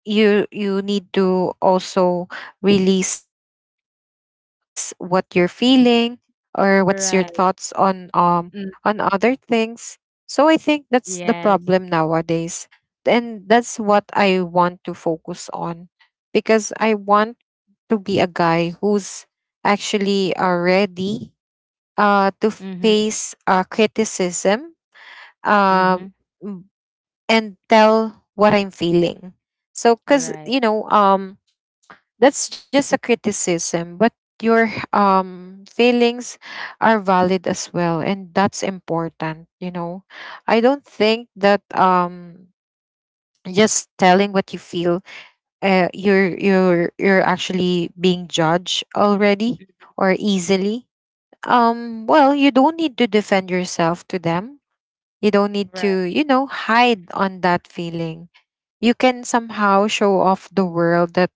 Speaker 1: you need to also release what you're feeling or what's your thoughts
Speaker 2: right,
Speaker 1: on other
Speaker 2: mm,
Speaker 1: things. So I think that's the problem
Speaker 2: yes,
Speaker 1: nowadays, and that's what I want to focus on, because I want to be a guy who's actually ready to
Speaker 2: mm-hmm,
Speaker 1: face criticism,
Speaker 2: mm-hmm,
Speaker 1: um, m- and tell what I'm feeling. So, because,
Speaker 2: right,
Speaker 1: you know, that's just a criticism, but your feelings are valid as well. And that's important, you know. I don't think that just telling what you feel, you're actually being judged already
Speaker 2: mm,
Speaker 1: or easily. Well, you don't need to defend yourself to them, you don't need
Speaker 2: right,
Speaker 1: to, you know, hide on that feeling. You can somehow show off the world that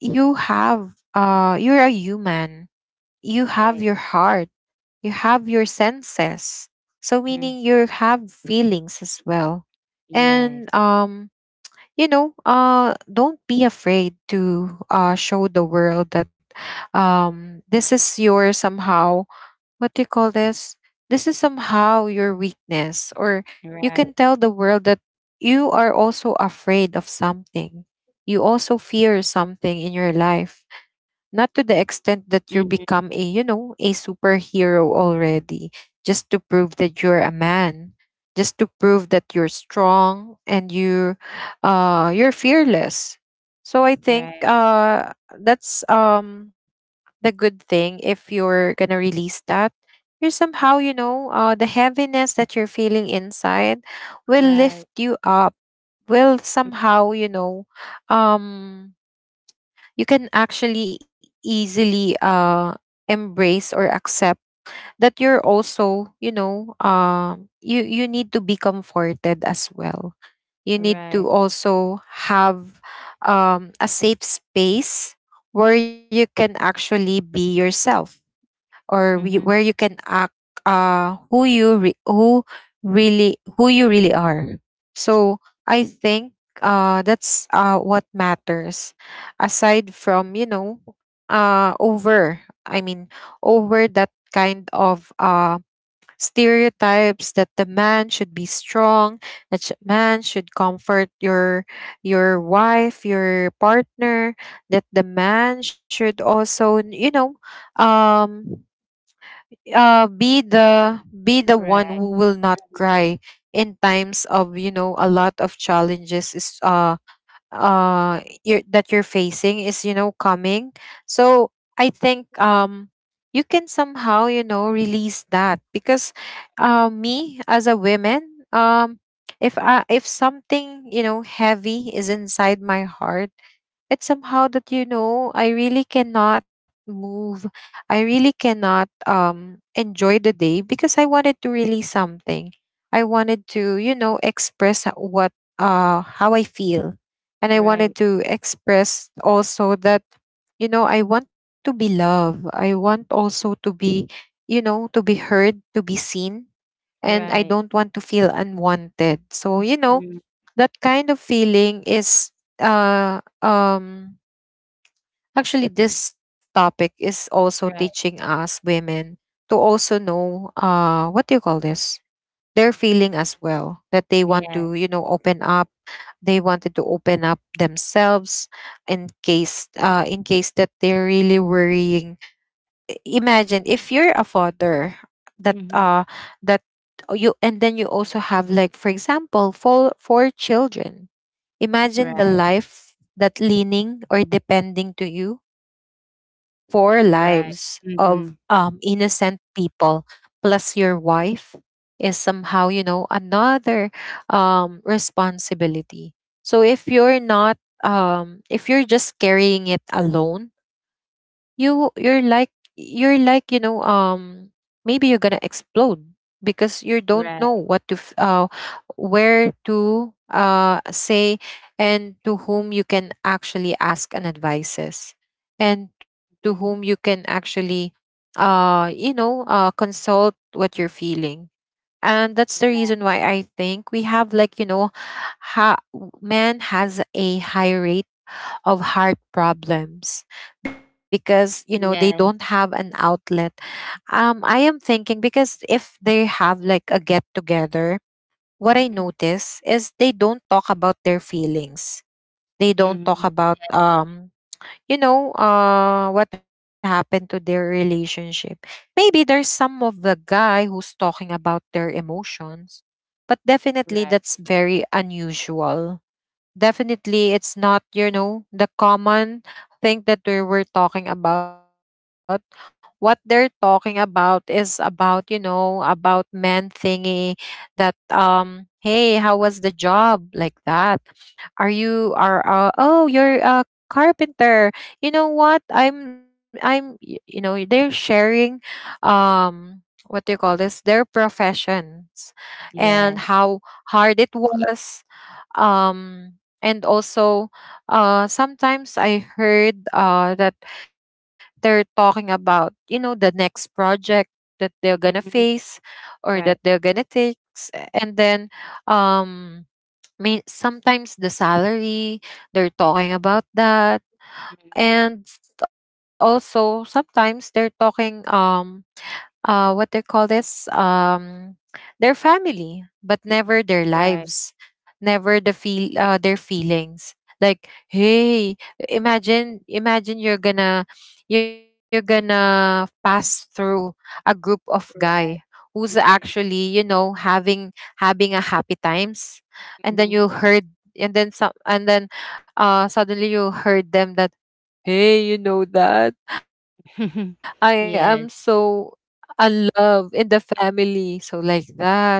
Speaker 1: you have you're a human. You have
Speaker 2: right,
Speaker 1: your heart. You have your senses. So
Speaker 2: mm-hmm,
Speaker 1: meaning you have feelings as well.
Speaker 2: yes,
Speaker 1: And you know, don't be afraid to show the world that, this is your somehow what do you call this? This is somehow your weakness, or you can
Speaker 2: right,
Speaker 1: tell the world that you are also afraid of something. You also fear something in your life, not to the extent that you
Speaker 2: mm-hmm,
Speaker 1: become a, you know, a superhero already, just to prove that you're a man, just to prove that you're strong and you, you're fearless. So I think,
Speaker 2: right,
Speaker 1: that's the good thing. If you're gonna release that, you're somehow, the heaviness that you're feeling inside will
Speaker 2: right,
Speaker 1: lift you up, will
Speaker 2: mm,
Speaker 1: somehow, um you can actually easily embrace or accept that you're also, you need to be comforted as well. You need to
Speaker 2: right,
Speaker 1: also have a safe space where you can actually be yourself,
Speaker 2: mm-hmm,
Speaker 1: where you can act uh who you re- who who you really are. So I think, that's what matters, aside from, over, I mean, over that kind of stereotypes that the man should be strong, that man should comfort your wife, your partner, that the man should also, um be the one
Speaker 2: right,
Speaker 1: who will not cry in times of, you know, a lot of challenges that you're facing is coming. So I think, you can somehow, you know, release that. Because, me as a woman, if something, you know, heavy is inside my heart, it's somehow that, you know, I really cannot move. I really cannot enjoy the day because I wanted to release something. I wanted to, you know, express h- what how I feel. And I wanted
Speaker 2: right.
Speaker 1: to express also that, you know, I want to be loved. I want also to be, you know, to be heard, to be seen. And I
Speaker 2: Right.
Speaker 1: don't want to feel unwanted, so, you know,
Speaker 2: Mm,
Speaker 1: that kind of feeling is, uh um actually, this topic is also teaching
Speaker 2: right.
Speaker 1: us women to also know, what do you call this? Their feeling as well, that they want
Speaker 2: Yes.
Speaker 1: to, you know, open up. They wanted to open up themselves in case, in case that they're really worrying. Imagine if you're a father, that
Speaker 2: Mhm.
Speaker 1: uh that you, and then you also have, like, for example, four children. Imagine the
Speaker 2: Right.
Speaker 1: life that leaning or depending to you, four
Speaker 2: Right.
Speaker 1: lives of
Speaker 2: Mhm.
Speaker 1: innocent people plus your wife is somehow, you know, another responsibility. So if you're not, if you're just carrying it alone, you're like, you're like, you know, maybe you're gonna explode because you don't know
Speaker 2: Right.
Speaker 1: what to where to say, and to whom you can actually ask an advices, and to whom you
Speaker 2: Mhm.
Speaker 1: can actually you know consult what you're feeling. And that's the
Speaker 2: Right.
Speaker 1: reason why I think we have, like, you know, ha- man has a higher rate of heart problems because, you know, they don't
Speaker 2: Yes.
Speaker 1: have an outlet. I am thinking, because if they have like a get together, what I
Speaker 2: Mhm.
Speaker 1: notice is they don't talk about their feelings. They don't talk
Speaker 2: Mhm.
Speaker 1: about, you know, what happened to their relationship. Maybe there's some of the guy who's talking about their emotions, but definitely
Speaker 2: Right.
Speaker 1: that's very unusual. Definitely it's not, you know, the common thing that we were talking about. What they're talking about is about, you know, about men thingy, that, hey, how was the job, like that? Are you, are oh, you're a carpenter. You know what, you know, they're sharing um what do you call this, their professions, and
Speaker 2: Yes.
Speaker 1: how hard it was. um and also, sometimes I heard, that they're talking about, you know, the next project that they're gonna face,
Speaker 2: Mhm.
Speaker 1: or that they're
Speaker 2: Right.
Speaker 1: gonna take and then, um may sometimes the salary, they're talking about that.
Speaker 2: Mhm.
Speaker 1: And also sometimes they're talking, what they call this, their family, but never their
Speaker 2: Right.
Speaker 1: lives, never the feel their feelings. Like, hey, imagine you're gonna, you're gonna pass through a group of guy
Speaker 2: Right.
Speaker 1: who's
Speaker 2: Mhm.
Speaker 1: actually, you know, having a happy times, and then you
Speaker 2: Mhm.
Speaker 1: heard, and then suddenly you heard them that, hey, you know that? I am
Speaker 2: <laughs>
Speaker 1: so a
Speaker 2: Yes.
Speaker 1: love in the family. So like that, you know?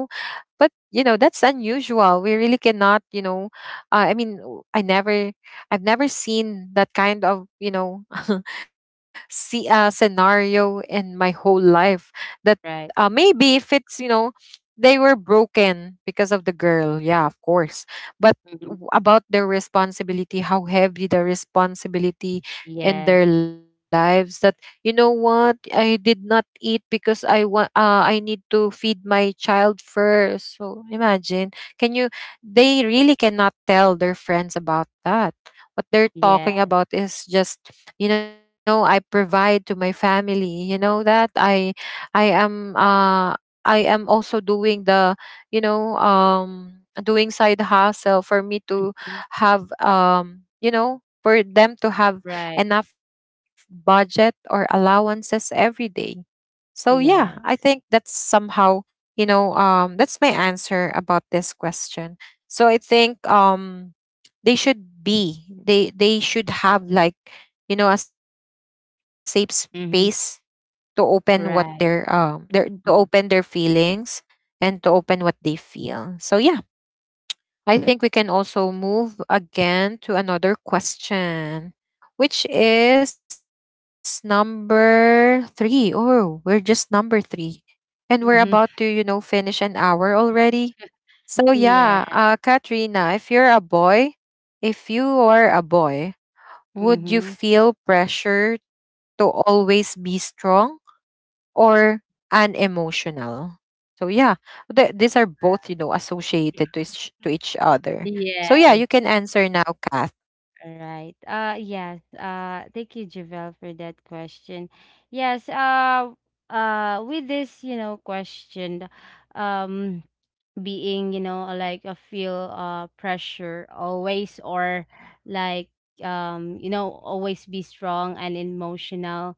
Speaker 1: But you know that's unusual. We really cannot, you know. I mean, I never, I've never seen that kind of, you know, <laughs> see, scenario in my whole life. That,
Speaker 2: Right.
Speaker 1: maybe if it's, you know, they were broken because of the girl. Yeah, of course. But
Speaker 2: Mhm.
Speaker 1: about their responsibility, how heavy the responsibility
Speaker 2: Yes.
Speaker 1: in their lives, that, you know what, I did not eat because I want, I need to feed my child first, so imagine, can you they really cannot tell their friends about that. What they're talking
Speaker 2: Yes.
Speaker 1: about is just, you know, I provide to my family. You know that I, i am uh I am also doing the, you know, doing side hustle for me to
Speaker 2: Mhm.
Speaker 1: have, you know, for them to have
Speaker 2: Right.
Speaker 1: enough budget or allowances every day. So yeah, I think
Speaker 2: Yes.
Speaker 1: that's somehow, you know, that's my answer about this question. So I think, they should have, like, you know, a safe space to
Speaker 2: Mhm.
Speaker 1: open what their,
Speaker 2: Right.
Speaker 1: to open their
Speaker 2: Mhm.
Speaker 1: feelings and to open what they feel. So yeah, I think we can also move again to another question, which is number three. Oh, we're just number three. And
Speaker 2: <laughs>
Speaker 1: we're
Speaker 2: Yes.
Speaker 1: about to, you know, finish an hour already. So
Speaker 2: Yeah.
Speaker 1: yeah, Katrina, if you're a boy, if you are a boy,
Speaker 2: Mhm.
Speaker 1: would you feel pressure to always be strong, or unemotional? So yeah, these are both, you know, associated to each other. So yeah,
Speaker 2: Yes.
Speaker 1: you can answer now, Kath.
Speaker 2: Right. Yes. Thank you, Javel, for that question. Yes, with this, you know, question, um being, you know, like a feel pressure always, or like, you know, always be strong and emotional.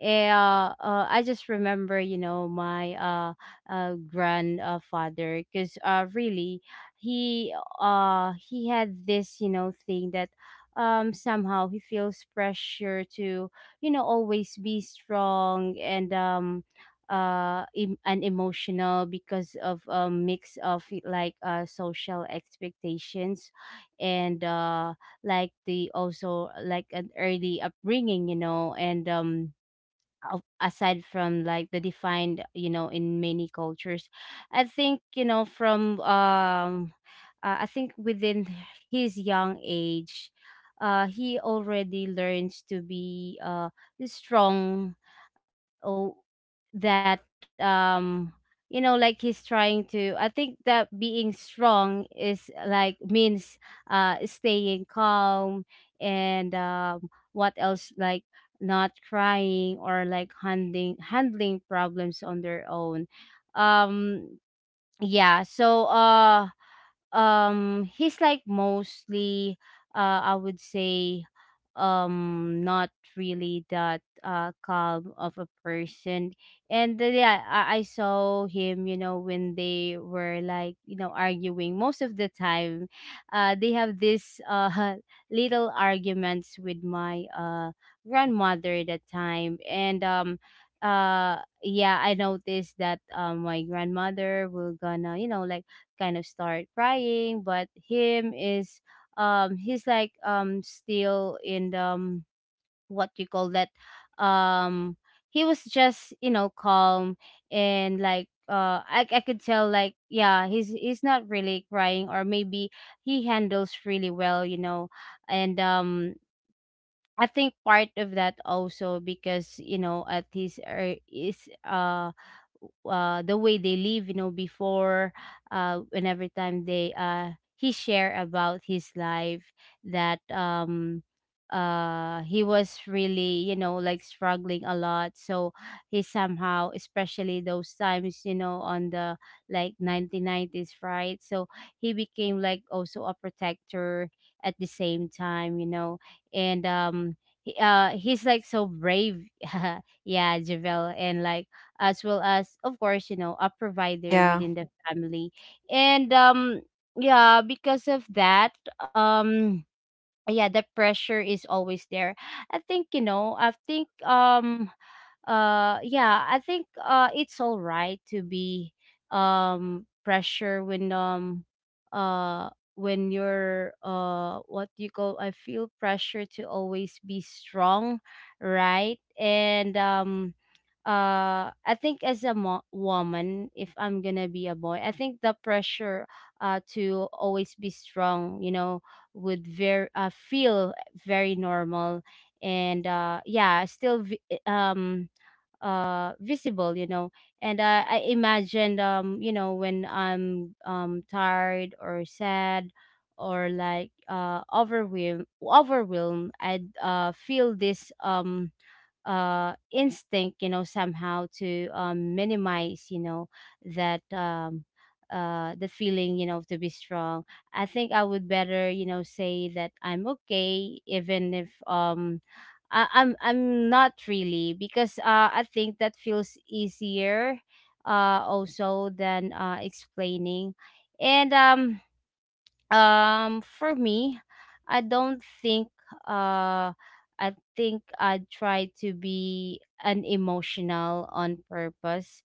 Speaker 2: I just remember, you know, my grandfather, because really, he he had this, you know, thing that somehow he feels pressure to, you know, always be strong and emotional because of a mix of like social expectations, and like, the also like an early upbringing, you know. A- Aside from like the defined, you know, in many cultures, I think, you know, from I think within his young age, he already learns to be strong. oh, that, you know, like, he's trying to, I think that being strong is like means staying calm. And what else, like not crying, or like handling problems on their own. Um yeah, so he's like mostly, I would say, not really that calm of a person. And yeah, I saw him, you know, when they were, like, you know, arguing most of the time. They have this <laughs> little arguments with my grandmother at that time. And uh yeah, I noticed that my grandmother will gonna, you know, like, kind of start crying, but him is, he's like, still in the, what you call that, um he was just, you know, calm. And like I could tell, like, yeah, he's not really crying, or maybe he handles really well, you know. And I think part of that also because, you know, at his is the way they live, you know, before. And every time they he share about his life, that he was really, you know, like struggling a lot. So he somehow, especially those times, you know, on the like 1990s, right? So he became like also a protector at the same time, you know. And He he's like so brave. <laughs> Yeah, Javel. And like, as well as, of course, you know, a
Speaker 1: Yeah.
Speaker 2: provider within the family. And yeah, because of that, um yeah, the pressure is always there, I think, you know. I think yeah, I think it's all right to be pressure when, when you're, what do you call, I feel pressure to always be strong, right? and I think as a woman, if I'm gonna be a boy, I think the pressure to always be strong, you know, would very, feel very normal. And yeah, still visible, you know. And I imagined, you know, when I'm tired or sad, or like overwhelmed, I'd feel this, instinct, you know, somehow to minimize, you know, that, the feeling, you know, to be strong. I think I would better, you know, say that I'm okay, even if, I'm not really, because I think that feels easier, also, than explaining. And For me, I don't think, uh I think I try to be unemotional on purpose,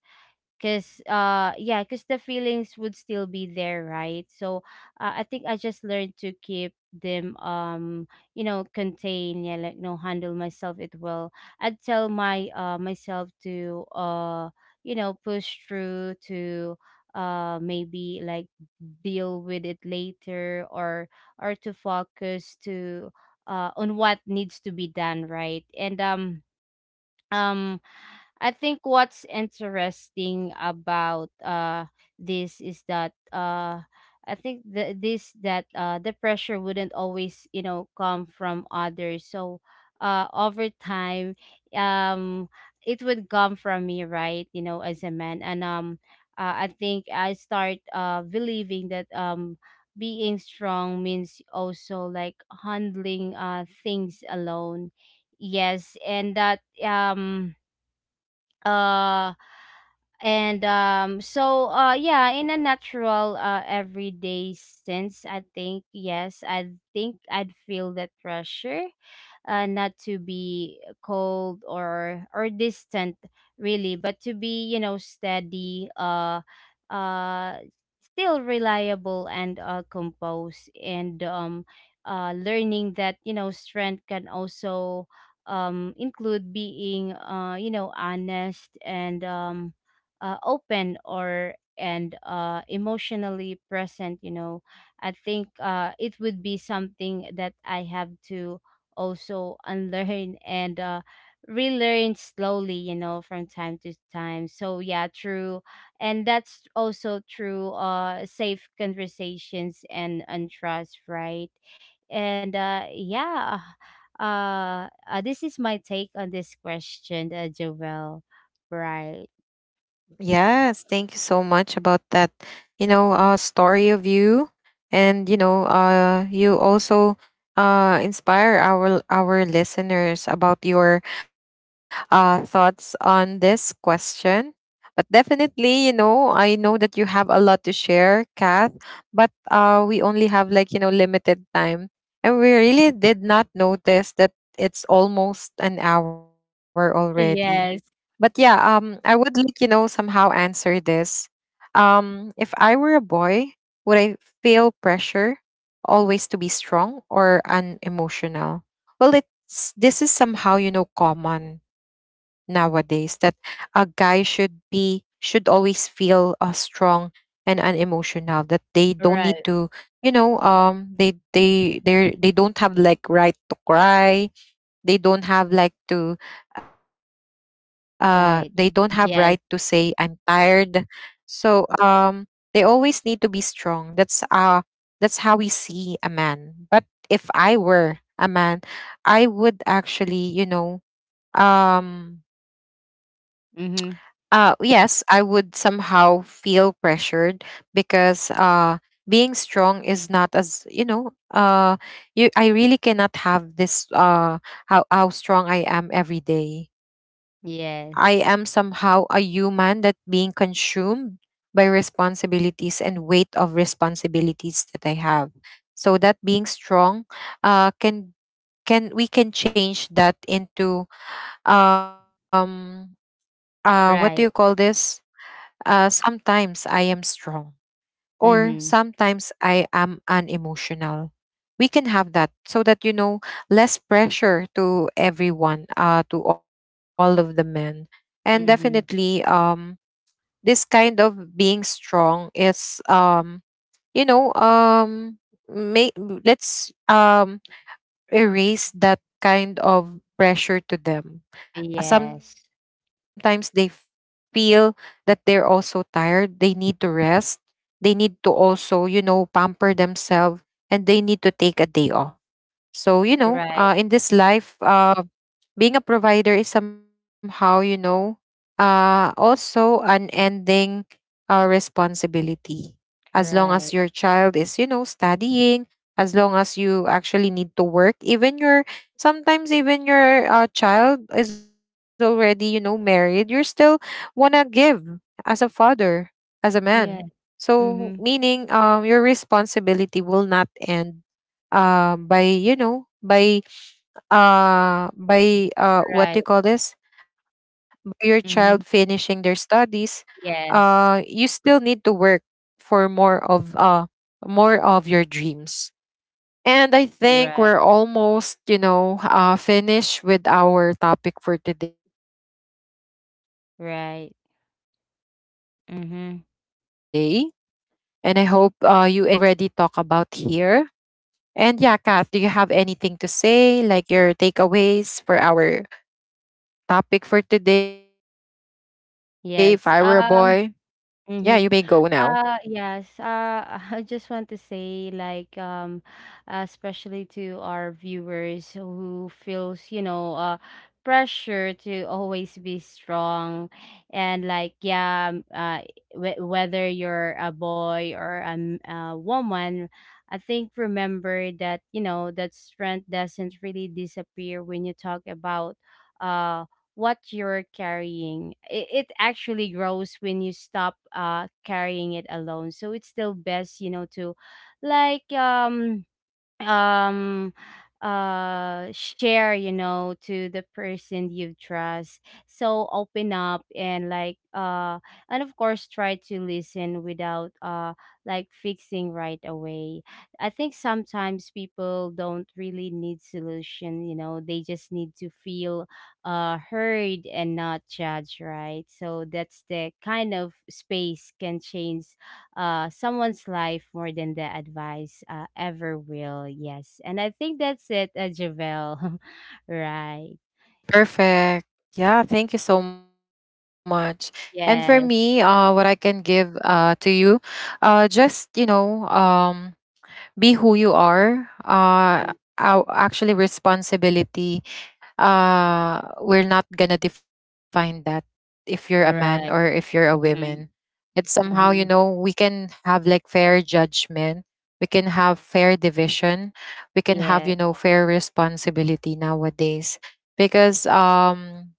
Speaker 2: because, yeah, because the feelings would still be there, right? So, I think I just learned to keep them, you know, contain, yeah, like, no, handle myself it well. I'd tell my myself to you know, push through to maybe, like, deal with it later, or to focus to on what needs to be done, right? and um I think what's interesting about this is that, I think the this that the pressure wouldn't always, you know, come from others. So, over time, um it would come from me, right, you know, as a man. And I think I start believing that, being strong means also like handling things alone, yes. and that um uh and So, yeah, in a natural, everyday sense, I think yes, I think I'd feel that pressure, not to be cold or distant really, but to be, you know, steady, uh still reliable and composed. And learning that, you know, strength can also include being, you know, honest and open or and emotionally present. You know, I think it would be something that I have to also <laughs> unlearn and relearn slowly. You know, from time to time. So yeah, true, and that's also true. Safe conversations and trust, right? and yeah this is my take on this question, Jovel. Right.
Speaker 1: Yes, thank you so much about that. You know, story of you, and you know, you also inspire our listeners about your thoughts on this question. But definitely, you know, I know that you have a lot to share, Kath. But we only have, like, you know, limited time, and we really did not notice that it's almost an hour already. But
Speaker 2: Yes.
Speaker 1: yeah, I would, like, you know, somehow answer this. If I were a boy, would I feel pressure always to be strong or unemotional? Well, it's this is somehow, you know, common nowadays that a guy should be, should always feel, strong and unemotional, that they don't need to,
Speaker 2: Right.
Speaker 1: you know, they don't have, like, right to cry. They don't have, like, to, they don't have right to
Speaker 2: Right.
Speaker 1: say, I'm
Speaker 2: Yes.
Speaker 1: tired. So, they always need to be strong. That's, that's how we see a man. But if I were a man, I would actually, you know, um
Speaker 2: Mm-hmm.
Speaker 1: yes, I would somehow feel pressured, because, being strong is not as, you know, you I really cannot have this, how strong I am every day. I am
Speaker 2: Yes.
Speaker 1: somehow a human that being consumed by responsibilities and weight of responsibilities that I have. So that being strong, uh can can, we can change that into, um what do you call
Speaker 2: Right.
Speaker 1: this, sometimes I am strong, or
Speaker 2: Mm-hmm.
Speaker 1: sometimes I am unemotional. We can have that so that, you know, less pressure to everyone, to all of the men. And definitely,
Speaker 2: Mm-hmm.
Speaker 1: this kind of being strong is, you know, may, let's, erase that kind of pressure to them.
Speaker 2: Yes.
Speaker 1: Sometimes they feel that they're also tired. They need to rest. They need to also, you know, pamper themselves, and they need to take a day off. So, you know, in
Speaker 2: Right.
Speaker 1: this life, being a provider is somehow, you know, also an ending responsibility. As long as your
Speaker 2: Right.
Speaker 1: child is, you know, studying, as long as you actually need to work, even your, sometimes even your child is already, you know, married, you're still wanna give, as a father, as a man.
Speaker 2: Yeah.
Speaker 1: So
Speaker 2: Mm-hmm.
Speaker 1: meaning, your responsibility will not end, by, you know, by what do
Speaker 2: Right.
Speaker 1: you call this, by your child finishing
Speaker 2: Mm-hmm.
Speaker 1: their studies. You
Speaker 2: Yes.
Speaker 1: still need to work for more of, more of your dreams. And I think
Speaker 2: Right.
Speaker 1: we're almost, you know, finished with our topic for today. And I hope, you
Speaker 2: Right.
Speaker 1: enjoy the things
Speaker 2: Mm-hmm.
Speaker 1: that we already talk about here. And yeah, Kath, do you have anything to say, like your takeaways for our topic for today? If I were a boy, yeah, you may
Speaker 2: Yes.
Speaker 1: go now.
Speaker 2: Mm-hmm. Yes. <laughs> I just want to say, like, especially to our viewers who feels, you know, pressure to always be strong, and like, yeah, whether you're a boy or a, a woman, I think remember that, you know, that strength doesn't really disappear when you talk about, uh what you're carrying. It actually grows when you stop carrying it alone. So it's still best, you know, to like um share, you know, to the person you trust, so open up and like and of course try to listen without like fixing right away. I think sometimes people don't really need solution, you know, they just need to feel heard and not judged, right? So that's the kind of space can change someone's life more than the advice ever will. Yes. And I think that's it, Javel. <laughs> Right.
Speaker 1: Perfect. Yeah, thank you so much. And for me, what I can
Speaker 2: Yes.
Speaker 1: give to you, just, you know, be who you are.
Speaker 2: Mm,
Speaker 1: Actually, responsibility, we're not gonna define that. If you're a man or if you're a
Speaker 2: right.
Speaker 1: woman,
Speaker 2: Mm-hmm.
Speaker 1: it's somehow, you know, we
Speaker 2: Mm-hmm.
Speaker 1: can have, like, fair judgment. We can have fair division. We can have, you
Speaker 2: Yeah.
Speaker 1: know, fair responsibility nowadays, because,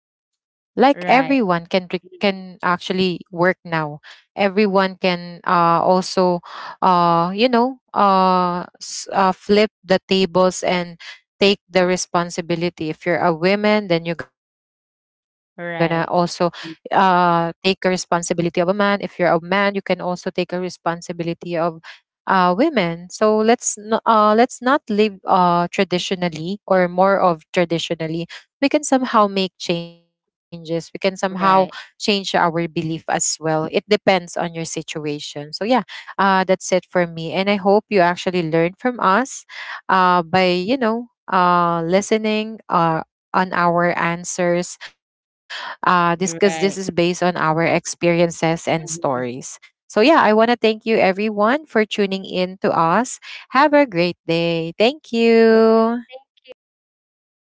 Speaker 1: like everyone can
Speaker 2: Right.
Speaker 1: can
Speaker 2: Mhm.
Speaker 1: actually work now. Everyone can, also, you know, flip the tables, and take the responsibility. If you're a woman, then you're gonna also,
Speaker 2: Right.
Speaker 1: take a
Speaker 2: Mm,
Speaker 1: responsibility of a man. If you're a man, you can also take a responsibility of, women. So let's let's not live, traditionally, or more of traditionally. We can somehow make changes. We can somehow
Speaker 2: right.
Speaker 1: change our belief as well. It depends on your situation. So yeah, that's it for me. And I hope you actually learn from us, by, you know, listening on our answers. This because this is based on
Speaker 2: Right.
Speaker 1: our experiences and stories.
Speaker 2: Mm-hmm.
Speaker 1: So yeah, I want to thank you everyone for tuning in to us. Have a great day. Thank
Speaker 2: Yeah.
Speaker 1: you.
Speaker 2: Thank you.